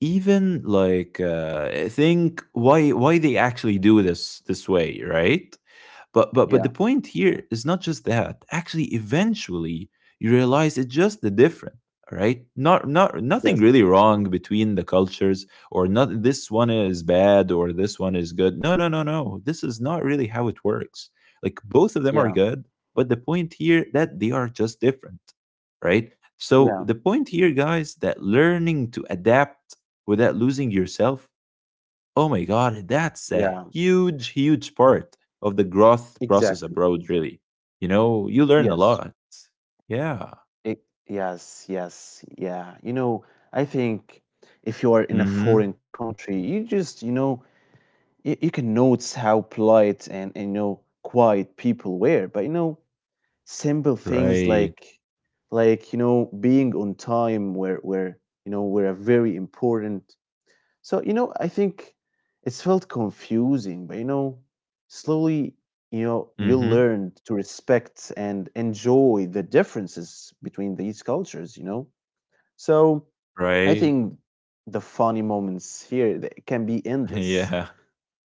Speaker 2: even like think why they actually do this this way, right? But the
Speaker 1: yeah,
Speaker 2: point here is not just that. Actually, eventually you realize it's just the different, right? Not nothing
Speaker 1: yes,
Speaker 2: really wrong between the cultures, or not this one is bad or this one is good. No, no, no, no. This is not really how it works. Like both of them are
Speaker 1: yeah,
Speaker 2: good, but the point here that they are just different, right? So
Speaker 1: yeah,
Speaker 2: the point here, guys, that learning to adapt without losing yourself. Oh my God, that's a
Speaker 1: yeah,
Speaker 2: huge part of the growth process
Speaker 1: exactly.
Speaker 2: abroad, really. You know, you learn a
Speaker 1: Yes,
Speaker 2: lot. Yeah.
Speaker 1: it, yes, yes, yeah. I think if you are in a
Speaker 2: Mm-hmm.
Speaker 1: foreign country, you just, you can notice how polite and, you know quiet people were, but you know simple things
Speaker 2: Right.
Speaker 1: like you know being on time were, you know, were a very important. So you know I think it's felt confusing, but you know slowly you know you
Speaker 2: Mm-hmm.
Speaker 1: learned to respect and enjoy the differences between these cultures, you know. So I
Speaker 2: Right.
Speaker 1: think the funny moments here they can be endless.
Speaker 2: Yeah.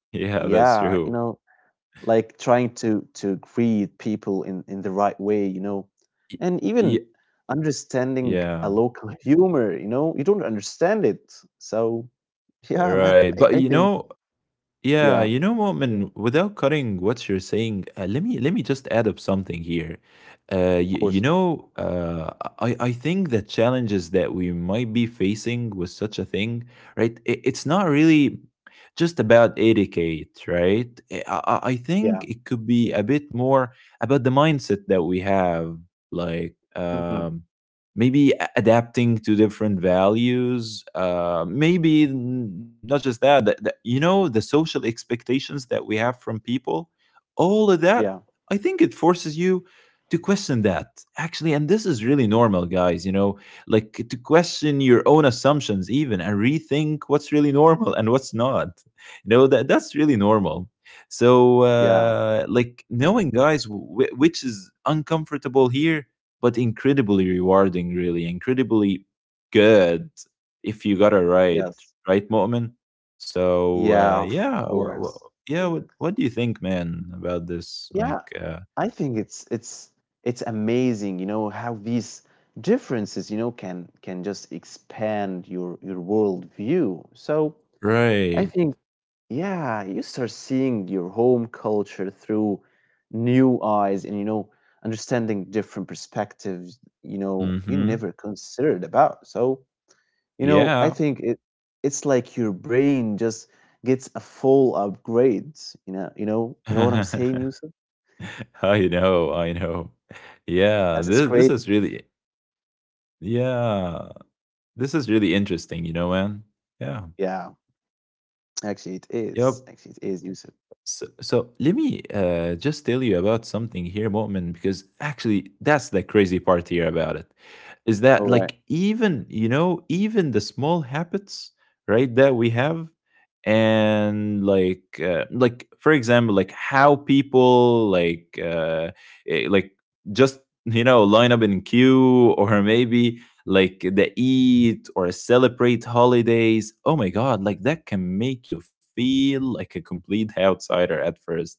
Speaker 2: Yeah, that's
Speaker 1: Yeah,
Speaker 2: true.
Speaker 1: you know, like trying to greet people in the right way, you know,
Speaker 2: Y-
Speaker 1: and even
Speaker 2: y-
Speaker 1: understanding a
Speaker 2: Yeah.
Speaker 1: local humor, you know, you don't understand it. So yeah, man, i,
Speaker 2: Right.
Speaker 1: I
Speaker 2: But you
Speaker 1: think,
Speaker 2: know,
Speaker 1: yeah,
Speaker 2: yeah,
Speaker 1: of
Speaker 2: you know, Mu'min, without cutting what you're saying, let me just add up something here.
Speaker 1: course.
Speaker 2: You know, I think the challenges that we might be facing with such a thing, right? It's not really just about etiquette, right? I think
Speaker 1: Yeah.
Speaker 2: it could be a bit more about the mindset that we have, like.
Speaker 1: Hmm.
Speaker 2: Maybe adapting to different values, maybe not just that you know the social expectations that we have from people, all of that.
Speaker 1: Yeah.
Speaker 2: I think it forces you to question that, actually. And this is really normal, guys, you know, like to question your own assumptions even and rethink what's really normal and what's not. You know, that's really normal. So
Speaker 1: Yeah.
Speaker 2: like knowing, guys, which is uncomfortable here, but incredibly rewarding, really, incredibly good, if you got it right,
Speaker 1: Yes.
Speaker 2: right, Mu'min? So
Speaker 1: Yeah,
Speaker 2: uh,
Speaker 1: of
Speaker 2: yeah, wha- Yeah. wha-
Speaker 1: course.
Speaker 2: yeah. What do you think, man, about this?
Speaker 1: Yeah,
Speaker 2: Like,
Speaker 1: I think it's it's amazing you know how these differences you know can just expand your world view. So I
Speaker 2: right?
Speaker 1: think, yeah, you start seeing your home culture through new eyes and, you know, understanding different perspectives, you know, you
Speaker 2: Mm-hmm.
Speaker 1: never considered about. So, you know, I
Speaker 2: Yeah.
Speaker 1: think it's like your brain just gets a full upgrade. You know what I'm saying, Yusuf?
Speaker 2: I know. I know. Yeah.
Speaker 1: Yes, it's
Speaker 2: This
Speaker 1: great.
Speaker 2: this is really, yeah. This is really interesting, you know, man. Yeah.
Speaker 1: Yeah, actually it
Speaker 2: Yep.
Speaker 1: is. Actually it is, Yusuf.
Speaker 2: So, so let me just tell you about something here, Mu'min, because actually that's the crazy part here about it, is that
Speaker 1: All right.
Speaker 2: like, even you know, even the small habits, right, that we have. And like for example, like how people like like just, you know, line up in queue or maybe like the eat or celebrate holidays. Oh my God, like that can make you feel like a complete outsider at first.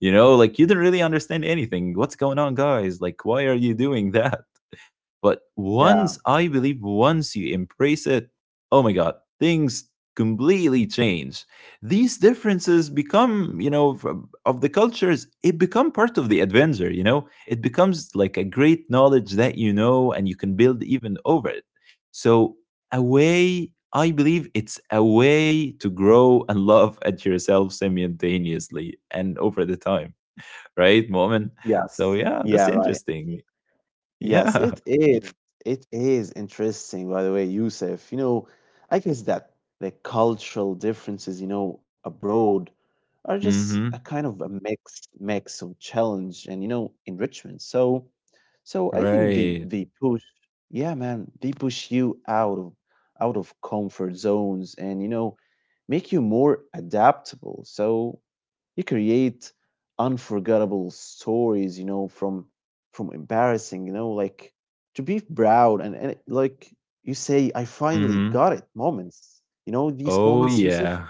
Speaker 2: You know, like you do not really understand anything. What's going on, guys? Like, why are you doing that? But once,
Speaker 1: Yeah.
Speaker 2: I believe, once you embrace it, oh my god, things completely change. These differences become, you know, of the cultures, it become part of the adventure, you know? It becomes like a great knowledge that you know and you can build even over it. So a way, I believe it's a way to grow and love at yourself simultaneously and over the time, right, Moment? So
Speaker 1: Yes.
Speaker 2: yeah, that's
Speaker 1: Yeah, right.
Speaker 2: interesting.
Speaker 1: Yes,
Speaker 2: Yeah.
Speaker 1: it is. It is interesting, by the way, Yusuf. You know, I guess that the cultural differences, you know, abroad are just a kind of a mix of challenge and, you know, enrichment. So so I think
Speaker 2: Right.
Speaker 1: the push, yeah, man, they push you out of comfort zones, and you know make you more adaptable. So you create unforgettable stories, you know, from embarrassing, you know, like to be proud and like you say, I finally
Speaker 2: Mhm.
Speaker 1: got it moments. You know, these
Speaker 2: Oh,
Speaker 1: moments, Yusuf?
Speaker 2: yeah.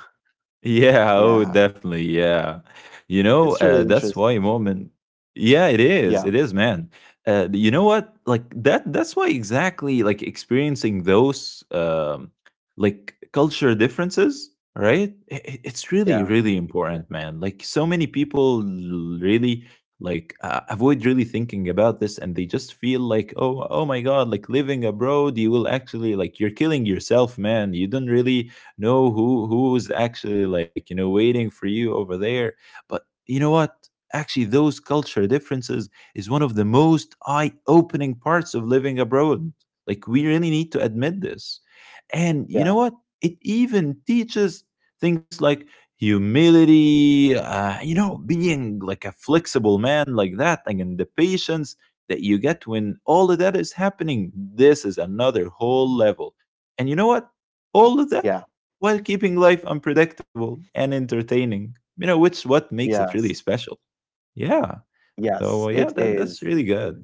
Speaker 2: Yeah, oh,
Speaker 1: Yeah.
Speaker 2: definitely. Yeah. You
Speaker 1: It's
Speaker 2: know,
Speaker 1: really
Speaker 2: that's
Speaker 1: interesting.
Speaker 2: why moment. Yeah, it
Speaker 1: Yeah.
Speaker 2: is. It is, man. You know what? Like that's why exactly like experiencing those like culture differences, right? It's really
Speaker 1: Yeah.
Speaker 2: really important, man. Like so many people really like avoid really thinking about this, and they just feel like, oh, oh my god, like living abroad, you will actually, like, you're killing yourself, man. You don't really know who's actually, like, you know, waiting for you over there. But you know what, actually those culture differences is one of the most eye-opening parts of living abroad. Like we really need to admit this. And you
Speaker 1: Yeah.
Speaker 2: know what, it even teaches things like humility, you know, being like a flexible man like that, and then the patience that you get when all of that is happening. This is another whole level. And you know what, all of that
Speaker 1: Yeah.
Speaker 2: while keeping life unpredictable and entertaining, you know, which what makes it really
Speaker 1: Yes.
Speaker 2: special. Yeah. So,
Speaker 1: Yes.
Speaker 2: yeah,
Speaker 1: It
Speaker 2: that's
Speaker 1: is.
Speaker 2: really good.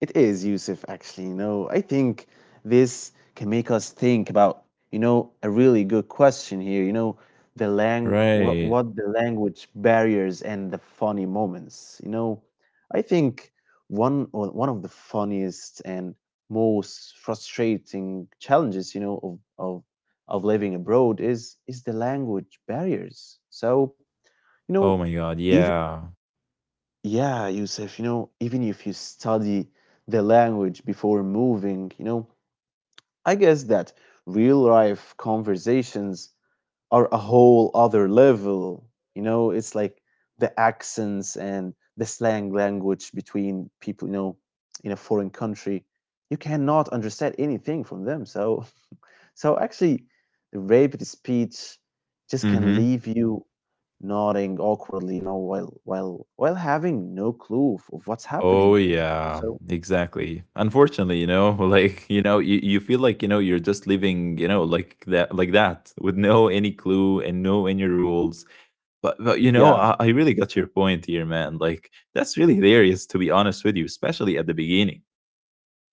Speaker 1: It is, Yusuf, actually. No, I think this can make us think about, you know, a really good question here. The lang
Speaker 2: Right.
Speaker 1: what the language barriers and the funny moments. You know, I think one of the funniest and most frustrating challenges, you know, of living abroad is the language barriers. So, you know,
Speaker 2: Oh my God.
Speaker 1: even
Speaker 2: Yeah.
Speaker 1: yeah, Yusuf, you know, even if you study the language before moving, you know, I guess that real life conversations are a whole other level. You know, it's like the accents and the slang language between people, you know, in a foreign country. You cannot understand anything from them. So so actually, the rapid speech just can
Speaker 2: Mm-hmm.
Speaker 1: leave you nodding awkwardly, you know, while having no clue of what's
Speaker 2: Oh
Speaker 1: happening.
Speaker 2: yeah,
Speaker 1: So
Speaker 2: exactly. Unfortunately, you know, like, you know, you feel like, you know, you're just living, you know, like that with no any clue and no any rules. But you know,
Speaker 1: yeah,
Speaker 2: I really got your point here, man. Like, that's really hilarious, to be honest with you, especially at the beginning.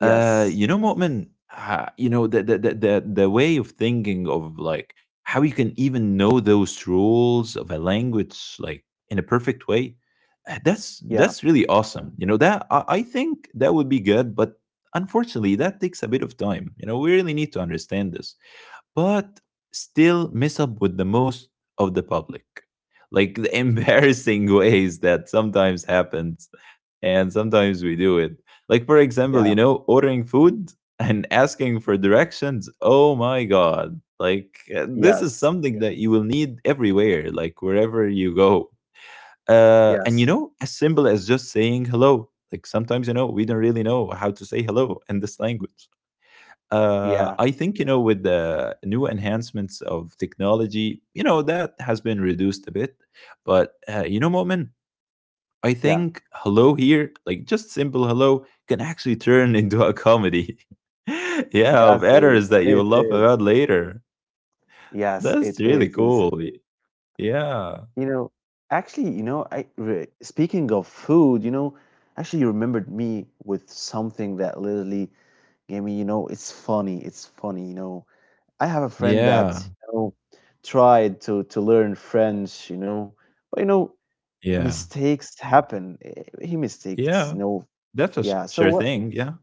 Speaker 2: You know, Mu'min, you know, the way of thinking of like how you can even know those rules of a language like in a perfect way,
Speaker 1: yeah,
Speaker 2: that's really awesome. You know, that I think that would be good, but unfortunately that takes a bit of time. You know, we really need to understand this. But still mess up with the most of the public. Like the embarrassing ways that sometimes happens and sometimes we do it. Like for example,
Speaker 1: yeah,
Speaker 2: you know, ordering food and asking for directions. Oh my god. Like this is
Speaker 1: yes,
Speaker 2: something, yeah, that you will need everywhere, like wherever you go. Uh, and
Speaker 1: yes,
Speaker 2: you know, as simple as just saying hello. Like sometimes, you know, we don't really know how to say hello in this language.
Speaker 1: yeah,
Speaker 2: I think you, yeah, know with the new enhancements of technology, you know that has been reduced a bit. But you know, Moment, I
Speaker 1: yeah,
Speaker 2: think hello here, like just simple hello, can actually turn into a comedy. Yeah, of
Speaker 1: yes
Speaker 2: errors
Speaker 1: is
Speaker 2: that
Speaker 1: it
Speaker 2: you'll laugh
Speaker 1: is
Speaker 2: about later.
Speaker 1: yes
Speaker 2: That's
Speaker 1: it
Speaker 2: really
Speaker 1: is. Yes.
Speaker 2: cool. Y- Yeah.
Speaker 1: You know, actually, speaking of food, you know, actually, you remembered me with something that literally gave me, you know, it's funny, you know I have a friend that
Speaker 2: Yeah.
Speaker 1: you know, tried to learn French, you know, but you know
Speaker 2: Yeah.
Speaker 1: mistakes happen. He mistakes, you
Speaker 2: Yeah.
Speaker 1: know.
Speaker 2: That's a
Speaker 1: Yeah. So
Speaker 2: sure
Speaker 1: what?
Speaker 2: thing. Yeah.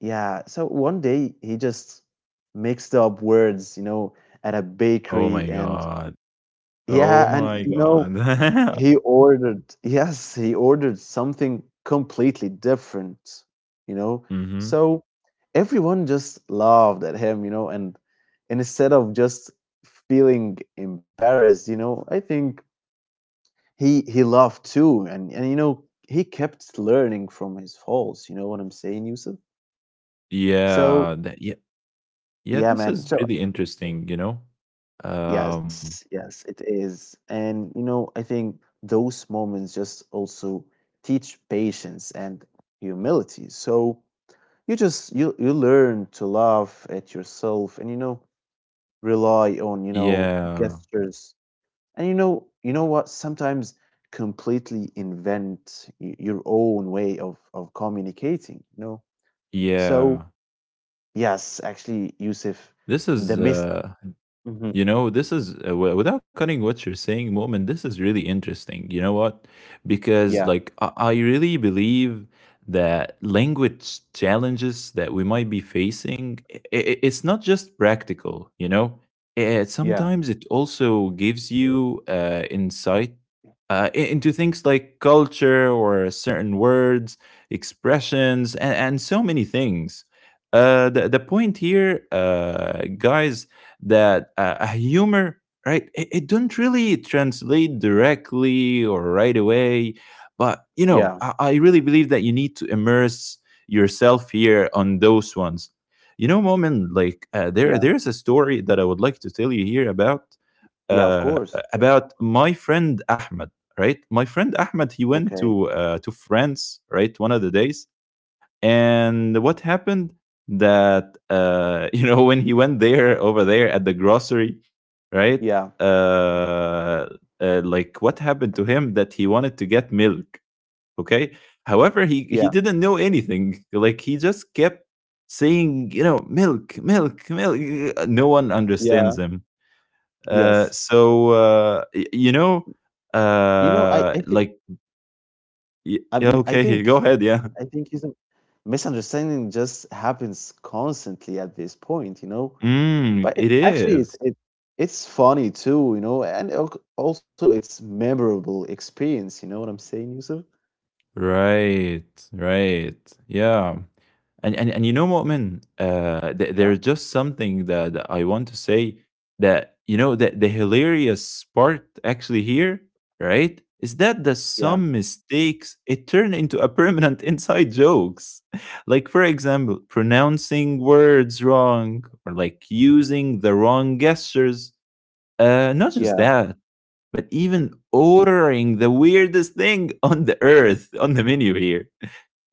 Speaker 1: Yeah. So one day he just mixed up words, you know, at a
Speaker 2: Oh
Speaker 1: bakery,
Speaker 2: my
Speaker 1: and
Speaker 2: God.
Speaker 1: yeah,
Speaker 2: Oh
Speaker 1: and
Speaker 2: my
Speaker 1: you know
Speaker 2: God.
Speaker 1: he ordered yes, he ordered something completely different, you know?
Speaker 2: Mm-hmm.
Speaker 1: So everyone just laughed at him, you know, and instead of just feeling embarrassed, you know, I think he laughed too, and you know, he kept learning from his faults, you know what I'm saying, Yusuf? So,
Speaker 2: Yeah. That, yeah. Yeah.
Speaker 1: yeah,
Speaker 2: This is
Speaker 1: man. So
Speaker 2: really interesting, you know? Um,
Speaker 1: yes, yes, it is. And you know, I think those moments just also teach patience and humility. So you just you learn to laugh at yourself, and you know rely on you know
Speaker 2: yeah.
Speaker 1: gestures and you know what sometimes completely invent your own way of communicating, you know. So
Speaker 2: Yeah.
Speaker 1: yes actually Yusuf
Speaker 2: This
Speaker 1: the
Speaker 2: is
Speaker 1: miss. Mhm.
Speaker 2: you know, this is without cutting what you're saying, moment. This is really interesting. You know what? Because
Speaker 1: Yeah,
Speaker 2: like I really believe that language challenges that we might be facing, it's not just practical. You know,
Speaker 1: yeah,
Speaker 2: sometimes it also gives you insight into things like culture or certain words, expressions, and so many things. The point here, guys, that a humor, right, it don't really translate directly or right away. But you know,
Speaker 1: yeah,
Speaker 2: I really believe that you need to immerse yourself here on those ones, you know, moment. Like there
Speaker 1: yeah.
Speaker 2: there's a story that I would like to tell you here about,
Speaker 1: Yeah, of course.
Speaker 2: about my friend Ahmed, right? My friend Ahmed, he went
Speaker 1: Okay.
Speaker 2: to France, right, one of the days. And what happened, that you know, when he went there over there at the grocery, right?
Speaker 1: Yeah.
Speaker 2: Uh, like what happened to him, that he wanted to get milk. Okay. However, he
Speaker 1: Yeah.
Speaker 2: didn't know anything. Like he just kept saying, you know, milk, milk, milk. No one
Speaker 1: Yeah.
Speaker 2: understands him.
Speaker 1: Yes.
Speaker 2: So you know,
Speaker 1: You know, I I think
Speaker 2: like
Speaker 1: I,
Speaker 2: yeah,
Speaker 1: m- I
Speaker 2: okay,
Speaker 1: think
Speaker 2: go ahead, yeah.
Speaker 1: I think is a- misunderstanding just happens constantly at this point, you know.
Speaker 2: Mm,
Speaker 1: But it,
Speaker 2: it
Speaker 1: actually,
Speaker 2: is.
Speaker 1: it's funny too, you know, and also it's memorable experience. You know what I'm saying, Yusuf?
Speaker 2: Right, right. Yeah. And and you know, Mu'min,
Speaker 1: Yeah.
Speaker 2: there's just something that, that I want to say, that, you know, that the hilarious part actually here, right, is that the
Speaker 1: Yeah.
Speaker 2: some mistakes, it turn into a permanent inside jokes. Like, for example, pronouncing words wrong or like using the wrong gestures, not just
Speaker 1: Yeah.
Speaker 2: that, but even ordering the weirdest thing on the earth on the menu here.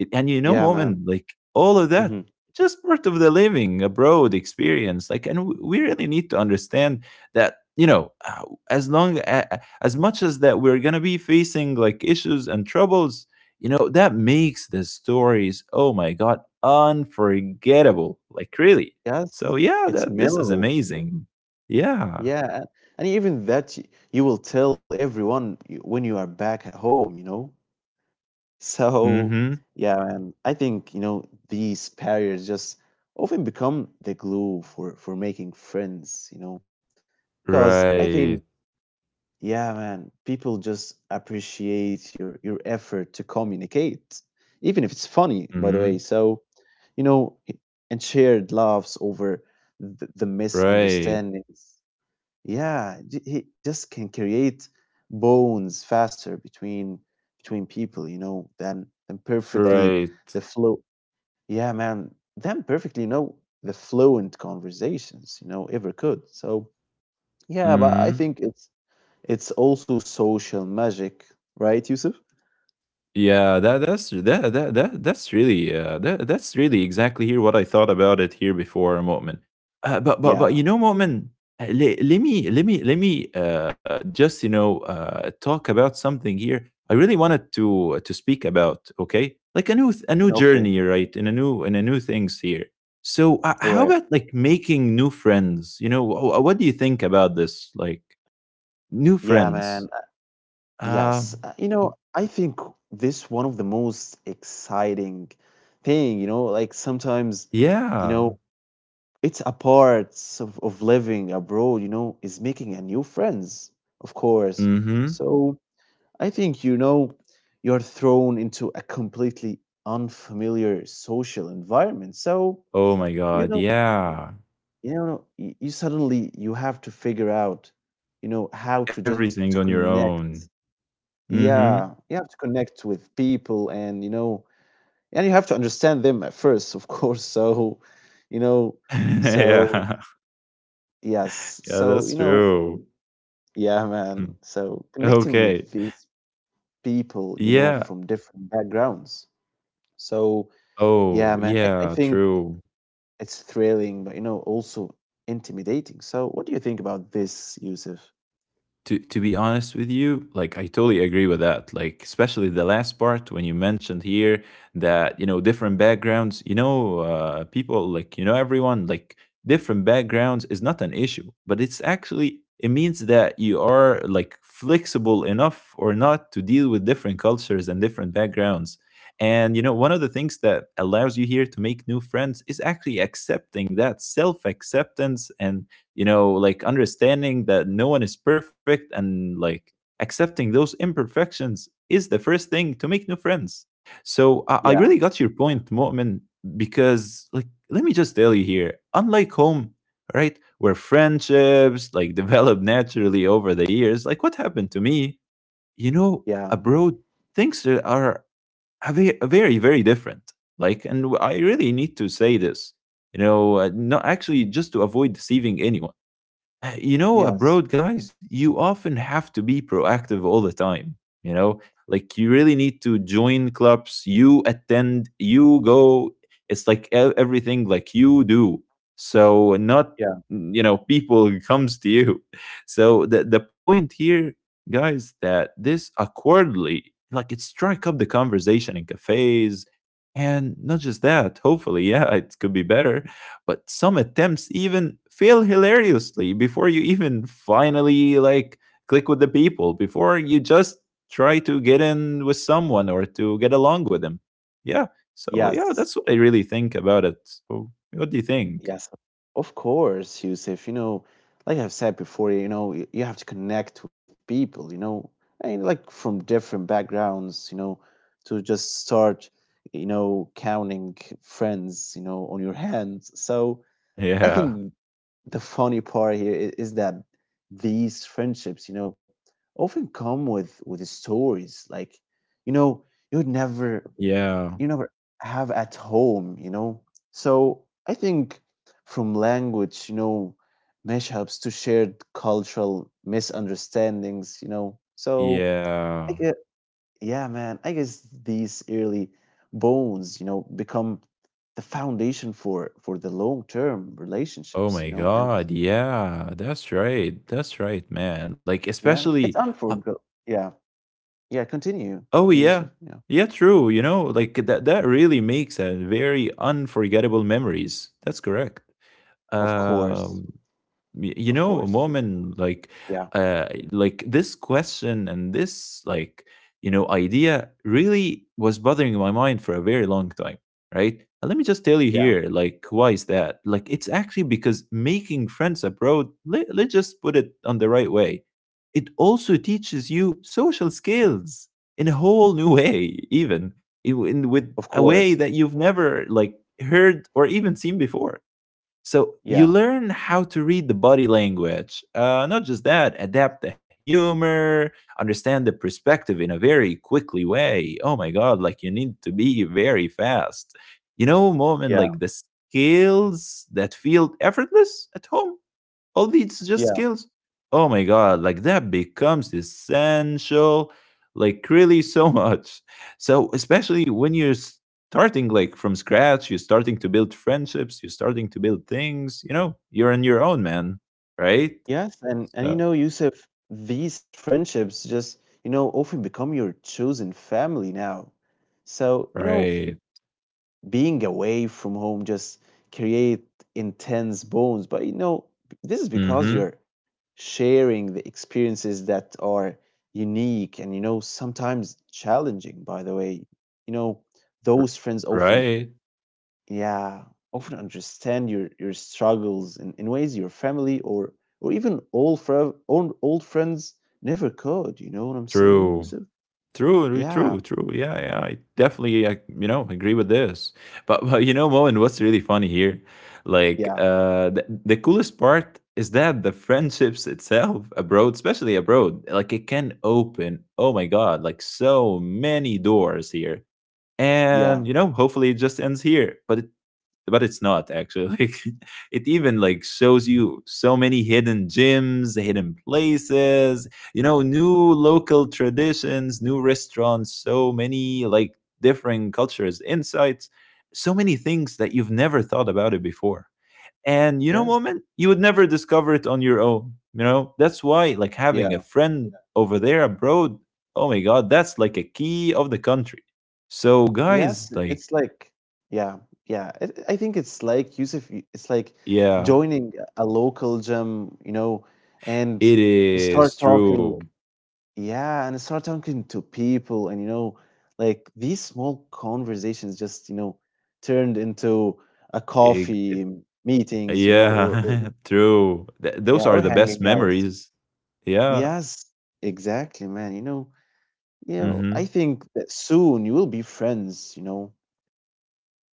Speaker 2: It, and you
Speaker 1: Yeah,
Speaker 2: know,
Speaker 1: man.
Speaker 2: moment, like all of
Speaker 1: Hmm.
Speaker 2: that just part of the living abroad experience. Like, and we really need to understand that, you know, as long as much as that we're gonna be facing like issues and troubles, you know, that makes the stories. Oh my god, unforgettable! Like really. So
Speaker 1: Yes,
Speaker 2: yeah,
Speaker 1: it's
Speaker 2: that this is
Speaker 1: memorable.
Speaker 2: amazing. Yeah.
Speaker 1: Yeah, and even that you will tell everyone when you are back at home. You know. So,
Speaker 2: Mm-hmm.
Speaker 1: yeah, and I think, you know, these barriers just often become the glue for making friends, you know, because I think,
Speaker 2: Right.
Speaker 1: yeah, man, people just appreciate your effort to communicate, even if it's funny, by the
Speaker 2: Mhm.
Speaker 1: way. So, you know, and shared laughs over the
Speaker 2: Right.
Speaker 1: misunderstandings. Yeah, he just can create bones faster between people, you know, than perfectly
Speaker 2: Right.
Speaker 1: the flow. Yeah, man, than perfectly, you know, the fluent conversations, you know, ever could. So yeah, but I
Speaker 2: Mhm.
Speaker 1: think it's also social magic, right, Yusuf?
Speaker 2: Yeah, that's really that that's really exactly here what I thought about it here before, Mo'min. But you know,
Speaker 1: Yeah.
Speaker 2: Mo'min, let me just, you know, talk about something here. I really wanted to speak about, okay, like a new a new journey,
Speaker 1: Okay.
Speaker 2: right, and a new things here. So how
Speaker 1: All
Speaker 2: about
Speaker 1: right.
Speaker 2: like making new friends? You know, what do you think about this? Like new
Speaker 1: Yeah,
Speaker 2: friends?
Speaker 1: man.
Speaker 2: Uh,
Speaker 1: Yes. You know, I think this one of the most exciting thing, you know, like sometimes, you
Speaker 2: yeah.
Speaker 1: know, it's a part of living abroad, you know, is making a new friends, of course.
Speaker 2: Mm-hmm.
Speaker 1: So I think, you know, you're thrown into a completely unfamiliar social environment. So,
Speaker 2: Oh my
Speaker 1: you
Speaker 2: god,
Speaker 1: know,
Speaker 2: yeah.
Speaker 1: you suddenly you have to figure out, you know, how to just
Speaker 2: Everything
Speaker 1: to
Speaker 2: on your own.
Speaker 1: connect.
Speaker 2: Mhm.
Speaker 1: Yeah, you have to connect with people and, you know, and you have to understand them at first, of course. So, you know, so
Speaker 2: Yeah.
Speaker 1: yes.
Speaker 2: Yeah,
Speaker 1: So,
Speaker 2: that's
Speaker 1: you know,
Speaker 2: true.
Speaker 1: yeah, man. So connecting
Speaker 2: Okay.
Speaker 1: with these people, you know,
Speaker 2: Yeah.
Speaker 1: from different backgrounds. So yeah,
Speaker 2: Oh,
Speaker 1: man, I
Speaker 2: yeah,
Speaker 1: think
Speaker 2: true.
Speaker 1: it's thrilling, but you know, also intimidating. So what do you think about this, Yusuf?
Speaker 2: To be honest with you, like I totally agree with that, like especially the last part when you mentioned here that, you know, different backgrounds, you know, people, like, you know, everyone, like, different backgrounds is not an issue, but it's actually, it means that you are like flexible enough or not to deal with different cultures and different backgrounds. And you know, one of the things that allows you here to make new friends is actually accepting that self acceptance and, you know, like understanding that no one is perfect, and like accepting those imperfections is the first thing to make new friends. So I
Speaker 1: Yeah,
Speaker 2: really got your point, Mu'min, because like let me just tell you here, unlike home, right, where friendships like develop naturally over the years, like what happened to me, you know,
Speaker 1: yeah,
Speaker 2: abroad, things are a a very very different. Like, and I really need to say this, you know, not actually just to avoid deceiving anyone. Uh, you know,
Speaker 1: yes,
Speaker 2: abroad, guys, you often have to be proactive all the time. You know, like you really need to join clubs, you attend, you go. It's like everything like you do. So not,
Speaker 1: yeah,
Speaker 2: you know, people comes to you. So the point here, guys, that this awkwardly, like it strike up the conversation in cafes, and not just that. Hopefully, yeah, it could be better but some attempts even fail hilariously before you even finally like click with the people before you just try to get in with someone or to get along with them, yeah. So yeah,
Speaker 1: yes.
Speaker 2: that's what I really think about it. So what do you think?
Speaker 1: Yes, of course, Yusuf. You know, like I've said before, you know, you have to connect with people, you know, and like from different backgrounds, you know, to just start, you know, counting friends, you know, on your hands. So I
Speaker 2: Yeah,
Speaker 1: think the funny part here is that these friendships, you know, often come with stories like, you know, you'd never
Speaker 2: yeah,
Speaker 1: you never have at home, you know? So I think from language, you know, mashups to shared cultural misunderstandings, you know? So
Speaker 2: yeah.
Speaker 1: I get, yeah, man, I guess these early bones, you know, become the foundation for the long term
Speaker 2: Oh
Speaker 1: relationships, you
Speaker 2: my
Speaker 1: know? And
Speaker 2: god, yeah, that's right, that's right, man. Like
Speaker 1: yeah, it's
Speaker 2: especially uh,
Speaker 1: unforgettable. Yeah. Yeah. Continue,
Speaker 2: oh
Speaker 1: Jay Yusuf.
Speaker 2: yeah.
Speaker 1: Yeah.
Speaker 2: Yeah, true. You know, like, that really makes a very unforgettable memories. That's correct.
Speaker 1: Of course.
Speaker 2: Um you
Speaker 1: Of
Speaker 2: know a
Speaker 1: course. Yes,
Speaker 2: moment
Speaker 1: yeah.
Speaker 2: like this question and this like, you know, idea really was bothering my mind for a very long time, right? And let me just tell you
Speaker 1: Yeah.
Speaker 2: here like why is that. Like it's actually because making friends abroad, let's just put it on the right way. It also teaches you social skills in a whole new way, even in with
Speaker 1: Of
Speaker 2: a way
Speaker 1: course.
Speaker 2: that you've never like heard or even seen before. So you
Speaker 1: Yeah.
Speaker 2: learn how to read the body language. Not just that, adapt the humor, understand the perspective in a very quickly way. Oh my god, like you need to be very fast. You know, moment like
Speaker 1: Yeah.
Speaker 2: the skills that feel effortless at home, all these just
Speaker 1: Yeah.
Speaker 2: skills, oh my god, like that becomes essential, like really so much. So especially when you're starting like from scratch, you're starting to build friendships, you're starting to build things, you know, you're on your own, man, right?
Speaker 1: Yes, and you
Speaker 2: So
Speaker 1: know, Yusuf, these friendships just, you know, often become your chosen family now. So, you know,
Speaker 2: right.
Speaker 1: being away from home just create intense bonds, but you know, this is because you're
Speaker 2: Mm-hmm.
Speaker 1: sharing the experiences that are unique and you know sometimes challenging by the way you know those
Speaker 2: R-
Speaker 1: friends often,
Speaker 2: right.
Speaker 1: yeah, often understand your struggles in ways your family or even old, old friends never could, you know what I'm saying,
Speaker 2: True.
Speaker 1: Yusuf?
Speaker 2: True,
Speaker 1: Yeah,
Speaker 2: true, true. Yeah, yeah. I definitely, I, you know, agree with this. But but you know, Moen, what's really funny here, like
Speaker 1: yeah,
Speaker 2: the coolest part is that the friendships itself abroad, especially abroad, like it can open, oh my god, like so many doors here.
Speaker 1: yeah,
Speaker 2: And you know, hopefully it just ends here. But it but it's not actually. It even like shows you so many hidden gyms, hidden places, you know, new local traditions, new restaurants, so many like different cultures, insights, so many things that you've never thought about it before. And you know,
Speaker 1: yes,
Speaker 2: moment, you would never discover it on your own. You know, that's why like having a
Speaker 1: yeah,
Speaker 2: friend over there abroad, oh my god, that's like a key of the country. So
Speaker 1: yes
Speaker 2: guys,
Speaker 1: it's
Speaker 2: like
Speaker 1: like yeah yeah it, I think it's like Yusuf it's like
Speaker 2: yeah,
Speaker 1: joining a local gym, you know, and
Speaker 2: it
Speaker 1: you
Speaker 2: is
Speaker 1: start talking,
Speaker 2: true.
Speaker 1: yeah, and start talking to people, and you know like these small conversations just you know turned into a
Speaker 2: Ig- it-
Speaker 1: coffee meetings, you know, or
Speaker 2: yeah, true. Those
Speaker 1: yeah or
Speaker 2: are the best
Speaker 1: hanging out
Speaker 2: memories. Yeah.
Speaker 1: yes exactly man you know
Speaker 2: Hmm.
Speaker 1: I think that soon you will be friends you know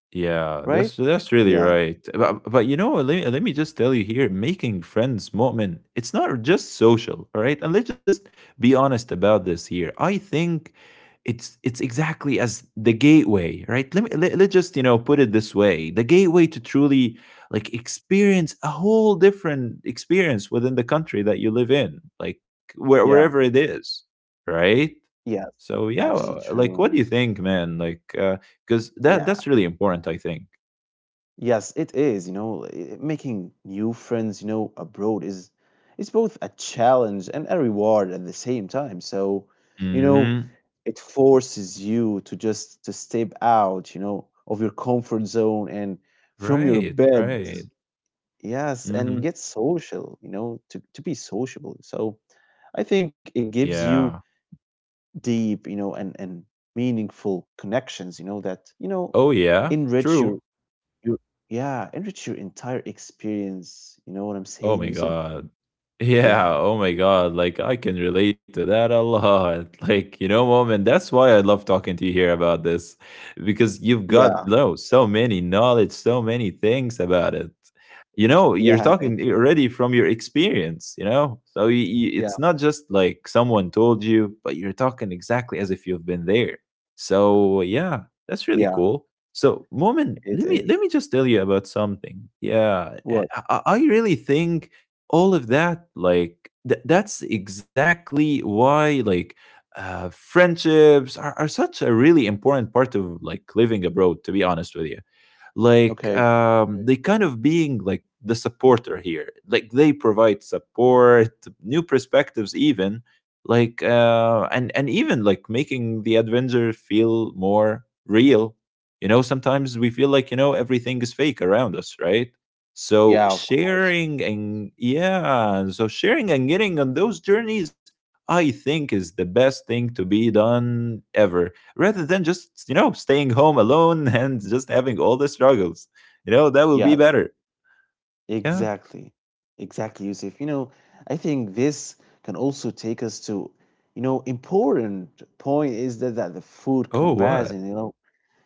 Speaker 2: Yeah,
Speaker 1: right
Speaker 2: that's really
Speaker 1: yeah
Speaker 2: right. But you know, let me just tell you here, making friends, Mu'min, it's not just social, all right? And let's just be honest about this here. I think it's exactly as the gateway, right? Let's just, you know, put it this way. The gateway to truly like experience a whole different experience within the country that you live in, like
Speaker 1: yeah
Speaker 2: wherever it is, right?
Speaker 1: yes
Speaker 2: So yeah,
Speaker 1: actually
Speaker 2: like
Speaker 1: true
Speaker 2: what do you
Speaker 1: man.
Speaker 2: think, man? Like 'cause that
Speaker 1: Yeah.
Speaker 2: that's really important, I think.
Speaker 1: Yes, it is. You know, making new friends, you know, abroad is both a challenge and a reward at the same time. So, you know,
Speaker 2: Mhm.
Speaker 1: it forces you to just to step out, you know, of your comfort zone and from your
Speaker 2: Right,
Speaker 1: bed.
Speaker 2: right.
Speaker 1: Yes, and get
Speaker 2: Mhm.
Speaker 1: social, you know, to be sociable. So, I think it gives you
Speaker 2: Yeah.
Speaker 1: deep, you know, and meaningful connections,
Speaker 2: Oh, yeah?
Speaker 1: enrich your
Speaker 2: True.
Speaker 1: you yeah, enrich your entire experience. You know what I'm
Speaker 2: Oh
Speaker 1: saying,
Speaker 2: my
Speaker 1: Yusuf?
Speaker 2: god. Yeah,
Speaker 1: Yeah.
Speaker 2: oh my God. Like, I can relate to that a lot. Like, you know, mom, and that's why I love talking to you here about this because you've
Speaker 1: Yeah,
Speaker 2: got, no, so many knowledge, so many things about it. You know, you're
Speaker 1: yeah, thank
Speaker 2: talking
Speaker 1: you.
Speaker 2: already from your experience, you know? So you,
Speaker 1: Yeah,
Speaker 2: it's not just like someone told you, but you're talking exactly as if you've been there. So, yeah, that's really
Speaker 1: yeah,
Speaker 2: cool. So, Moment,
Speaker 1: it is.
Speaker 2: let me just tell you about something. Yeah, I,
Speaker 1: What?
Speaker 2: I really think all of that like that's exactly why like friendships are such a really important part of like living abroad, to be honest with you. Like
Speaker 1: Okay.
Speaker 2: they kind of being like the supporter here, like they provide support, new perspectives even, like and even like making the adventure feel more real. You know, sometimes we feel like, you know, everything is fake around us, right? So
Speaker 1: Yeah, of course.
Speaker 2: sharing and yeah, so sharing and getting on those journeys, I think, is the best thing to be done ever, rather than just, you know, staying home alone and just having all the struggles, you know, that will be
Speaker 1: Yes.
Speaker 2: better. Yeah.
Speaker 1: Exactly. Exactly, Yusuf. You know, I think this can also take us to, you know, important point is that, that the food
Speaker 2: Oh
Speaker 1: comparison,
Speaker 2: what?
Speaker 1: you know,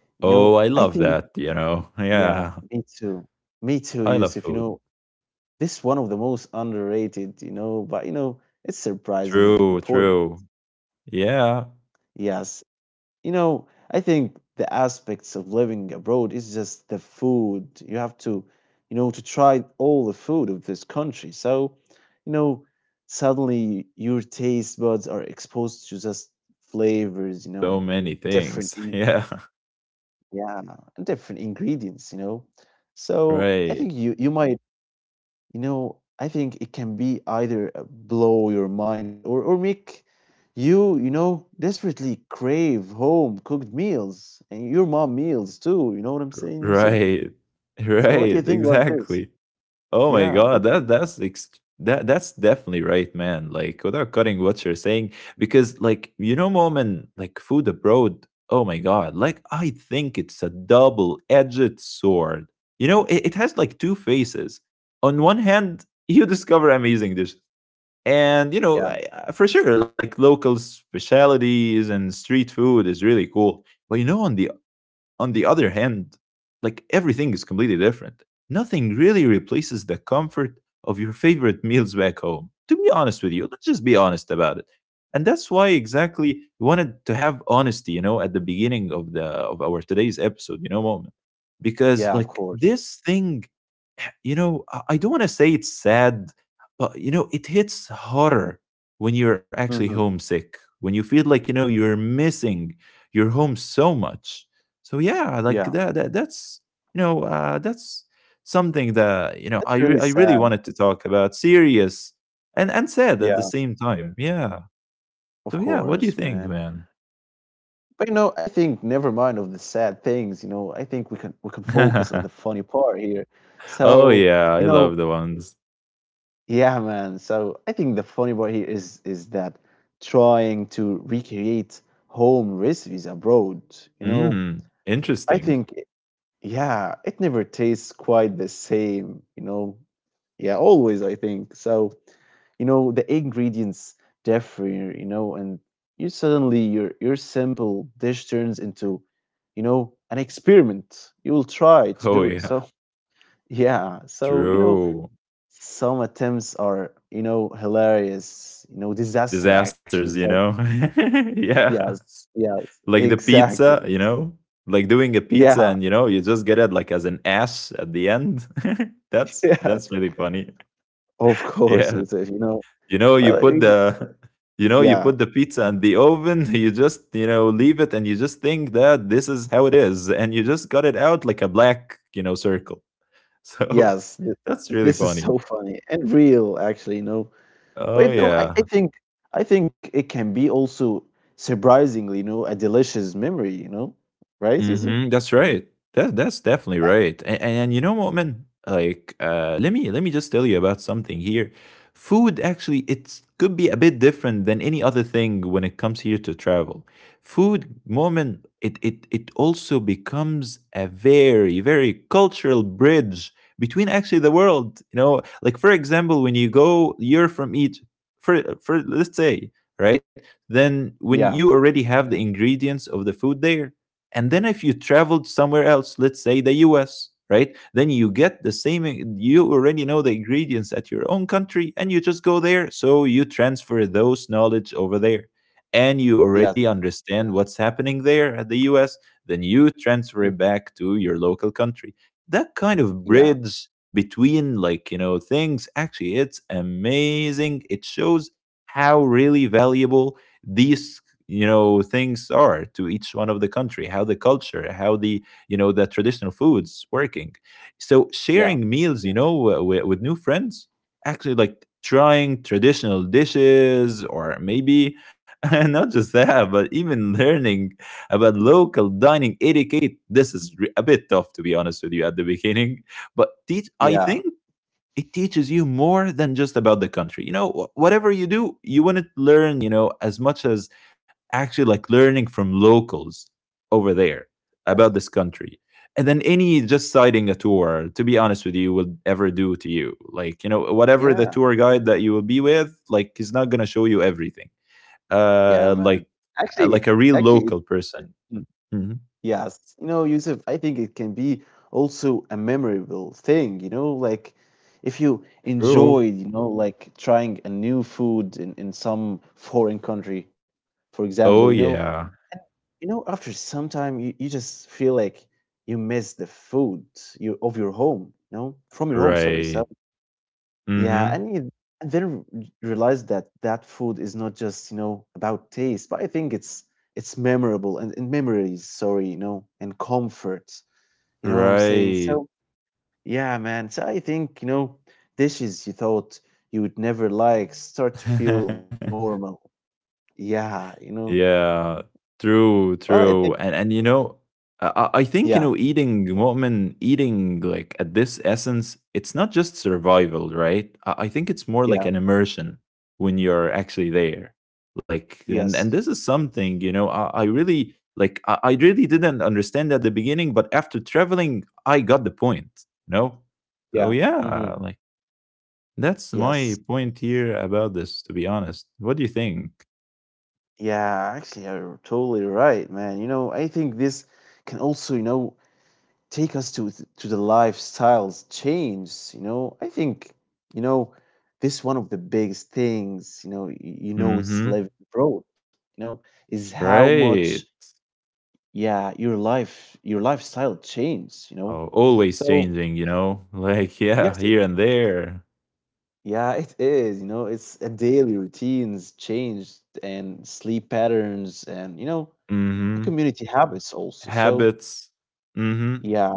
Speaker 1: you know,
Speaker 2: Oh, I
Speaker 1: I
Speaker 2: love
Speaker 1: think,
Speaker 2: that, you know.
Speaker 1: yeah,
Speaker 2: Yeah.
Speaker 1: me too. Me too,
Speaker 2: I love
Speaker 1: Yusuf. You
Speaker 2: food.
Speaker 1: know, this is one of the most underrated, you know, but you know, it's surprisingly
Speaker 2: True,
Speaker 1: important.
Speaker 2: true. Yeah.
Speaker 1: Yes. You know, I think the aspects of living abroad is just the food. You have to, you know, to try all the food of this country. So, you know, suddenly your taste buds are exposed to just flavors, you know, and
Speaker 2: So many
Speaker 1: different
Speaker 2: things,
Speaker 1: in-
Speaker 2: yeah.
Speaker 1: yeah, and different ingredients, you know. So, I
Speaker 2: Right.
Speaker 1: think you might. You know, I think it can be either blow your mind, or make you, you know, desperately crave home cooked meals and your mom meals too. You know what I'm saying, Yusuf?
Speaker 2: Right.
Speaker 1: So,
Speaker 2: Right,
Speaker 1: what do you think about
Speaker 2: exactly.
Speaker 1: this?
Speaker 2: Oh my
Speaker 1: Yeah,
Speaker 2: god,
Speaker 1: what do you think?
Speaker 2: that that's definitely right, man. Like without cutting what you're saying, because like you know, moment, like food abroad, oh my god, like I think it's a double-edged sword. You know, it has like two faces. On one hand, you discover amazing dishes, and you know,
Speaker 1: Yeah,
Speaker 2: for sure, like local specialties and street food is really cool. But you know, on the other hand, like everything is completely different. Nothing really replaces the comfort of your favorite meals back home. To be honest with you, let's just be honest about it. And that's why exactly we wanted to have honesty, you know, at the beginning of the of our today's episode, you know, moment. Because
Speaker 1: yeah, of
Speaker 2: like
Speaker 1: course.
Speaker 2: this thing, you know, I don't want to say it's sad, but you know, it hits harder when you're actually
Speaker 1: Hmm.
Speaker 2: homesick, when you feel like, you know, you're missing your home so much. So yeah, like
Speaker 1: Yeah,
Speaker 2: that's, you know, that's something that, you know,
Speaker 1: that's
Speaker 2: I
Speaker 1: really
Speaker 2: really wanted
Speaker 1: sad.
Speaker 2: to talk about, serious and sad at the
Speaker 1: Yeah,
Speaker 2: same time. Yeah. So
Speaker 1: of
Speaker 2: yeah, what do you
Speaker 1: course,
Speaker 2: think,
Speaker 1: man.
Speaker 2: man?
Speaker 1: But you know, I think never mind of the sad things. You know, I think we can focus on the funny part here.
Speaker 2: Oh
Speaker 1: So
Speaker 2: yeah, I
Speaker 1: you
Speaker 2: love
Speaker 1: know,
Speaker 2: the ones.
Speaker 1: yeah, man. So I think the funny part here is that trying to recreate home recipes abroad, you know,
Speaker 2: Mm,
Speaker 1: I
Speaker 2: interesting.
Speaker 1: think yeah, it never tastes quite the same, you know. Yeah, always I think. So, you know, the ingredients differ, you know, and you suddenly your simple dish turns into, you know, an experiment. You will try to
Speaker 2: Oh
Speaker 1: do it.
Speaker 2: yeah.
Speaker 1: So, yeah. So, you know,
Speaker 2: True.
Speaker 1: some attempts are, you know, hilarious, you know, disaster actually.
Speaker 2: Disasters, you
Speaker 1: So
Speaker 2: know? Yeah.
Speaker 1: yes, yes,
Speaker 2: Like the
Speaker 1: exactly.
Speaker 2: pizza, you know? Like doing a pizza
Speaker 1: Yeah,
Speaker 2: and you know, you just get it like as an ash at the end. that's
Speaker 1: yes,
Speaker 2: that's really funny.
Speaker 1: of course,
Speaker 2: Yeah.
Speaker 1: Yusuf.
Speaker 2: You know, you
Speaker 1: Well,
Speaker 2: put
Speaker 1: you know,
Speaker 2: the you know, you
Speaker 1: yeah,
Speaker 2: put the pizza in the oven, you just, you know, leave it and you just think that this is how it is and you just got it out like a black, you know, circle. So
Speaker 1: yes. th-
Speaker 2: that's really
Speaker 1: This is
Speaker 2: funny.
Speaker 1: so funny and real, actually. You know, but
Speaker 2: Oh
Speaker 1: you know, I
Speaker 2: yeah.
Speaker 1: think I think it can be also surprisingly, you know, a delicious memory. You know, right,
Speaker 2: Mhm,
Speaker 1: Yusuf?
Speaker 2: that's right. That that's definitely
Speaker 1: Yeah,
Speaker 2: right. And you know what, like, let me just tell you about something here. Food actually, it could be a bit different than any other thing when it comes here to travel. Food, moment, it also becomes a very very cultural bridge between actually the world. You know, like for example, when you go, you're from Egypt. For let's say, right? Then when you
Speaker 1: yeah,
Speaker 2: already have the ingredients of the food there, and then if you traveled somewhere else, let's say the US, right? Then you get the same, you already know the ingredients at your own country and you just go there. So you transfer those knowledge over there. And you already
Speaker 1: yes,
Speaker 2: understand what's happening there at the US. Then you transfer it
Speaker 1: mhm,
Speaker 2: back to your local country. That kind of
Speaker 1: yeah,
Speaker 2: bridge between, like, you know, things actually, it's amazing. It shows how really valuable these you know things are to each one of the country, how the culture, how the you know the traditional foods working. So sharing
Speaker 1: yeah,
Speaker 2: meals, you know, with new friends, actually like trying traditional dishes or maybe not just that, but even learning about local dining etiquette, this is a bit tough to be honest with you at the beginning, but teach, I think,
Speaker 1: yeah,
Speaker 2: it teaches you more than just about the country. You know, whatever you do you want to learn, you know, as much as actually like learning from locals over there about
Speaker 1: yes,
Speaker 2: this country, and then any just citing a tour, to be honest with you, will ever do to you. Like you know, whatever the
Speaker 1: yeah.
Speaker 2: tour guide that you will be with, like he's not going to show you everything. uh
Speaker 1: Yeah,
Speaker 2: like
Speaker 1: man. Actually,
Speaker 2: like a real
Speaker 1: actually, it-
Speaker 2: local person.
Speaker 1: mm,
Speaker 2: Hmm.
Speaker 1: yes. You know, Yusuf, I think it can be also a memorable thing. You know, like if you enjoyed,
Speaker 2: Oh.
Speaker 1: you know, like trying a new food in some foreign country, for example,
Speaker 2: Oh yeah.
Speaker 1: after some time, you just feel like you miss the food of your home. You know, from your home. Sorry, so
Speaker 2: Right.
Speaker 1: yeah,
Speaker 2: Mm-hmm.
Speaker 1: and you and then realize that that food is not just you know about taste, but I think it's memorable and memories. Sorry, you know, and comfort. You know what I'm saying?
Speaker 2: Right.
Speaker 1: So yeah, man. So I think you know dishes you thought you would never like start to feel normal. Yeah, you know.
Speaker 2: Yeah, true,
Speaker 1: Well, I
Speaker 2: true.
Speaker 1: think
Speaker 2: And you know, I I think you
Speaker 1: yeah,
Speaker 2: know, eating mu'min, eating like at this essence, it's not just survival, right? I think it's more like
Speaker 1: yeah,
Speaker 2: an immersion when you're actually there. Like, and
Speaker 1: yes,
Speaker 2: this is something you know, I really like. I really didn't understand at the beginning, but after traveling, I got the point. You know, so
Speaker 1: yeah, mm-hmm,
Speaker 2: yeah, like that's my
Speaker 1: yes,
Speaker 2: point here about this. To be honest, what do you think?
Speaker 1: yeah. Actually, you're totally right, man. You know, I think this can also you know take us to to the lifestyles change you know I think you know this one of the biggest things you know you know it's
Speaker 2: Mm-hmm.
Speaker 1: living abroad you know is how
Speaker 2: Right.
Speaker 1: much yeah your life your lifestyle change you know
Speaker 2: Oh, always
Speaker 1: so
Speaker 2: changing, you know? Like, yeah,
Speaker 1: yes
Speaker 2: here and there.
Speaker 1: yeah it is you know it's a daily routines changed and sleep patterns and you know the
Speaker 2: Mhm.
Speaker 1: community habits also so
Speaker 2: Habits. Mhm.
Speaker 1: yeah.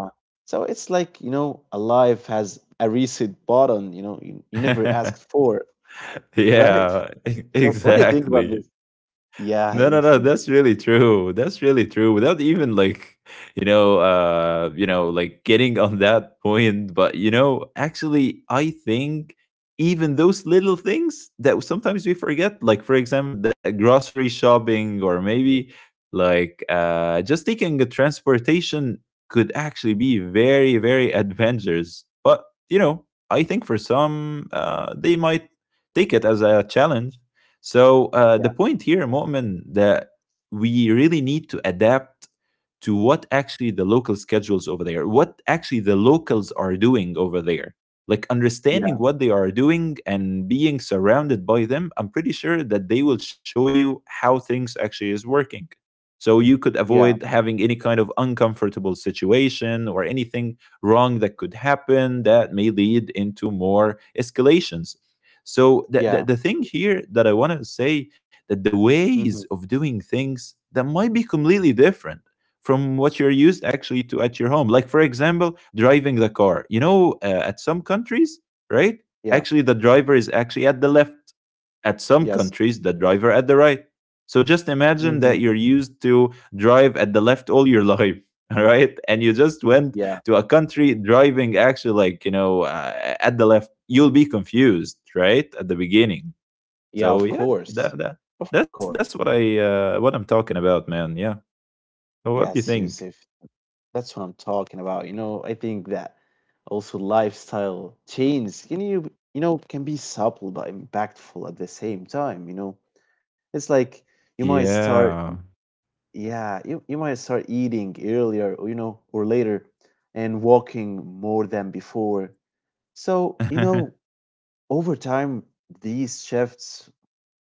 Speaker 1: So it's like, you know, a life has a reset button, you know, you never asked for, right?
Speaker 2: Yeah,
Speaker 1: So what do you think about
Speaker 2: exactly.
Speaker 1: this? Yeah,
Speaker 2: No, no,
Speaker 1: it's,
Speaker 2: no. That's really true. That's really true. Without even like, you know, like getting on that point. But you know, actually, I think even those little things that sometimes we forget, like for example, the grocery shopping, or maybe like just taking a transportation, could actually be very, very adventurous. But you know, I think for some, they might take it as a challenge. The
Speaker 1: yeah,
Speaker 2: point here, Mu'min, that we really need to adapt to what actually the local schedules over there, what actually the locals are doing over there. Like
Speaker 1: yeah,
Speaker 2: understanding what they are doing and being surrounded by them, I'm pretty sure that they will show you how things actually is working. So you could
Speaker 1: yeah,
Speaker 2: avoid having any kind of uncomfortable situation or anything wrong that could happen that may lead into more escalations. So the, the,
Speaker 1: yeah,
Speaker 2: the thing here that I want to say that the ways
Speaker 1: hmm
Speaker 2: of doing things that might be completely different from what you're used actually to at your home. Like, for example, driving the car. At some countries, right?
Speaker 1: yeah,
Speaker 2: Actually, the driver is actually at the left. At some
Speaker 1: yes,
Speaker 2: countries, the driver at the right. So just imagine
Speaker 1: hmm
Speaker 2: that you're used to drive at the left all your life, all right? And you just went
Speaker 1: yeah,
Speaker 2: to a country driving actually like, at the left. You'll be confused, right? At the beginning.
Speaker 1: yeah,
Speaker 2: So
Speaker 1: of
Speaker 2: yeah,
Speaker 1: course,
Speaker 2: that, that
Speaker 1: of
Speaker 2: that's that's
Speaker 1: course.
Speaker 2: what I what I'm talking about, man. Yeah. So what do you
Speaker 1: Yes,
Speaker 2: think?
Speaker 1: Yusuf, that's what I'm talking about. You know, I think that also lifestyle change can you know can be subtle but impactful at the same time you know it's like you might
Speaker 2: Yeah.
Speaker 1: start. Yeah, you might start eating earlier, or, you know, or later, and walking more than before. So, you know, over time, these shifts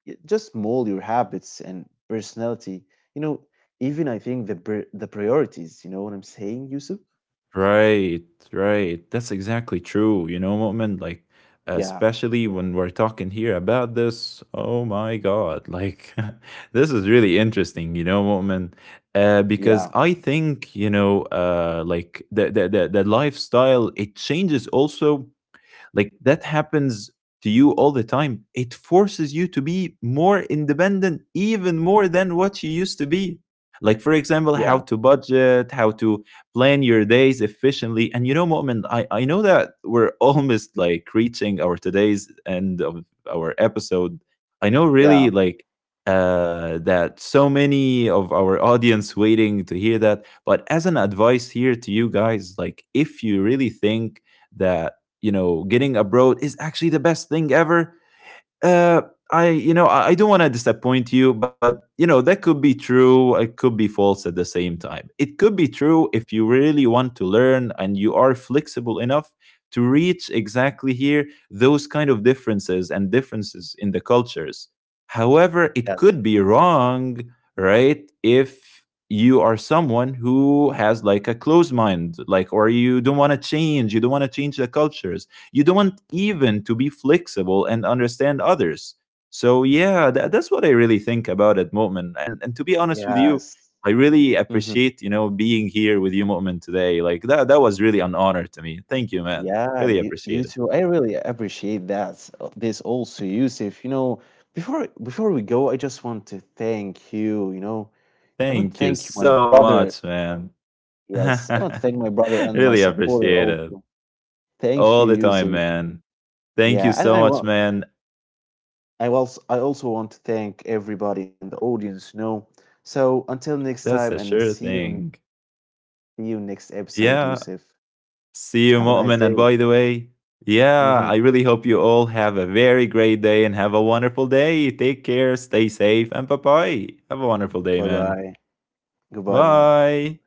Speaker 1: just mold your habits and personality. You know, even I think the the priorities. You know what I'm saying, Yusuf?
Speaker 2: Right, right. That's exactly true. You know, Mu'min, like,
Speaker 1: Yeah,
Speaker 2: especially when we're talking here about this, oh my God, like, this is really interesting, you know, Mu'min, because
Speaker 1: yeah,
Speaker 2: I think, like the lifestyle, it changes also. Like that happens to you all the time. It forces you to be more independent, even more than what you used to be. Like, for example, how
Speaker 1: yeah,
Speaker 2: to budget, how to plan your days efficiently. And you know, Moment, I know that we're almost like reaching our today's end of our episode. I know
Speaker 1: yeah.
Speaker 2: really like that so many of our audience waiting to hear that. But as an advice here to you guys, like if you really think that you know getting abroad is actually the best thing ever, uh I don't want to disappoint you, but you know that could be true, it could be false at the same time. It could be true if you really want to learn and you are flexible enough to reach exactly here those kind of differences and differences in the cultures. However, it
Speaker 1: Yes,
Speaker 2: could be wrong, right, if you are someone who has like a closed mind, like, or you don't want to change, you don't want to change the cultures, you don't want even to be flexible and understand others. So yeah, that's what I really think about at moment, and to be honest with you,
Speaker 1: yes.
Speaker 2: I really
Speaker 1: Hmm.
Speaker 2: appreciate, you know, being here with you moment today. Like that that was really an honor to me. Thank you, man.
Speaker 1: Yeah,
Speaker 2: Really
Speaker 1: you
Speaker 2: appreciate it.
Speaker 1: too. I really appreciate that. This also, Yusuf. You know, before we go, I just want to thank you. You know, I want to
Speaker 2: Thank you
Speaker 1: thank my
Speaker 2: so
Speaker 1: brother.
Speaker 2: much, man.
Speaker 1: Yes, I want to thank my brother and my
Speaker 2: Really
Speaker 1: supporter
Speaker 2: appreciate it
Speaker 1: also. Thank
Speaker 2: all
Speaker 1: you,
Speaker 2: the time,
Speaker 1: Yusuf.
Speaker 2: man. Thank you
Speaker 1: Yeah, and
Speaker 2: so
Speaker 1: I
Speaker 2: much,
Speaker 1: want
Speaker 2: man.
Speaker 1: I also want to thank everybody in the audience. You know, so until next
Speaker 2: That's
Speaker 1: time,
Speaker 2: a
Speaker 1: and
Speaker 2: sure thing.
Speaker 1: see you next episode,
Speaker 2: Yeah.
Speaker 1: Yusuf.
Speaker 2: See you,
Speaker 1: Have a nice
Speaker 2: Mu'min.
Speaker 1: day.
Speaker 2: And by the way, yeah,
Speaker 1: Hmm.
Speaker 2: I really hope you all have a very great day and have a wonderful day. Take care, stay safe, and bye bye. Have a wonderful day,
Speaker 1: Bye
Speaker 2: man.
Speaker 1: bye. Goodbye, man.
Speaker 2: Bye.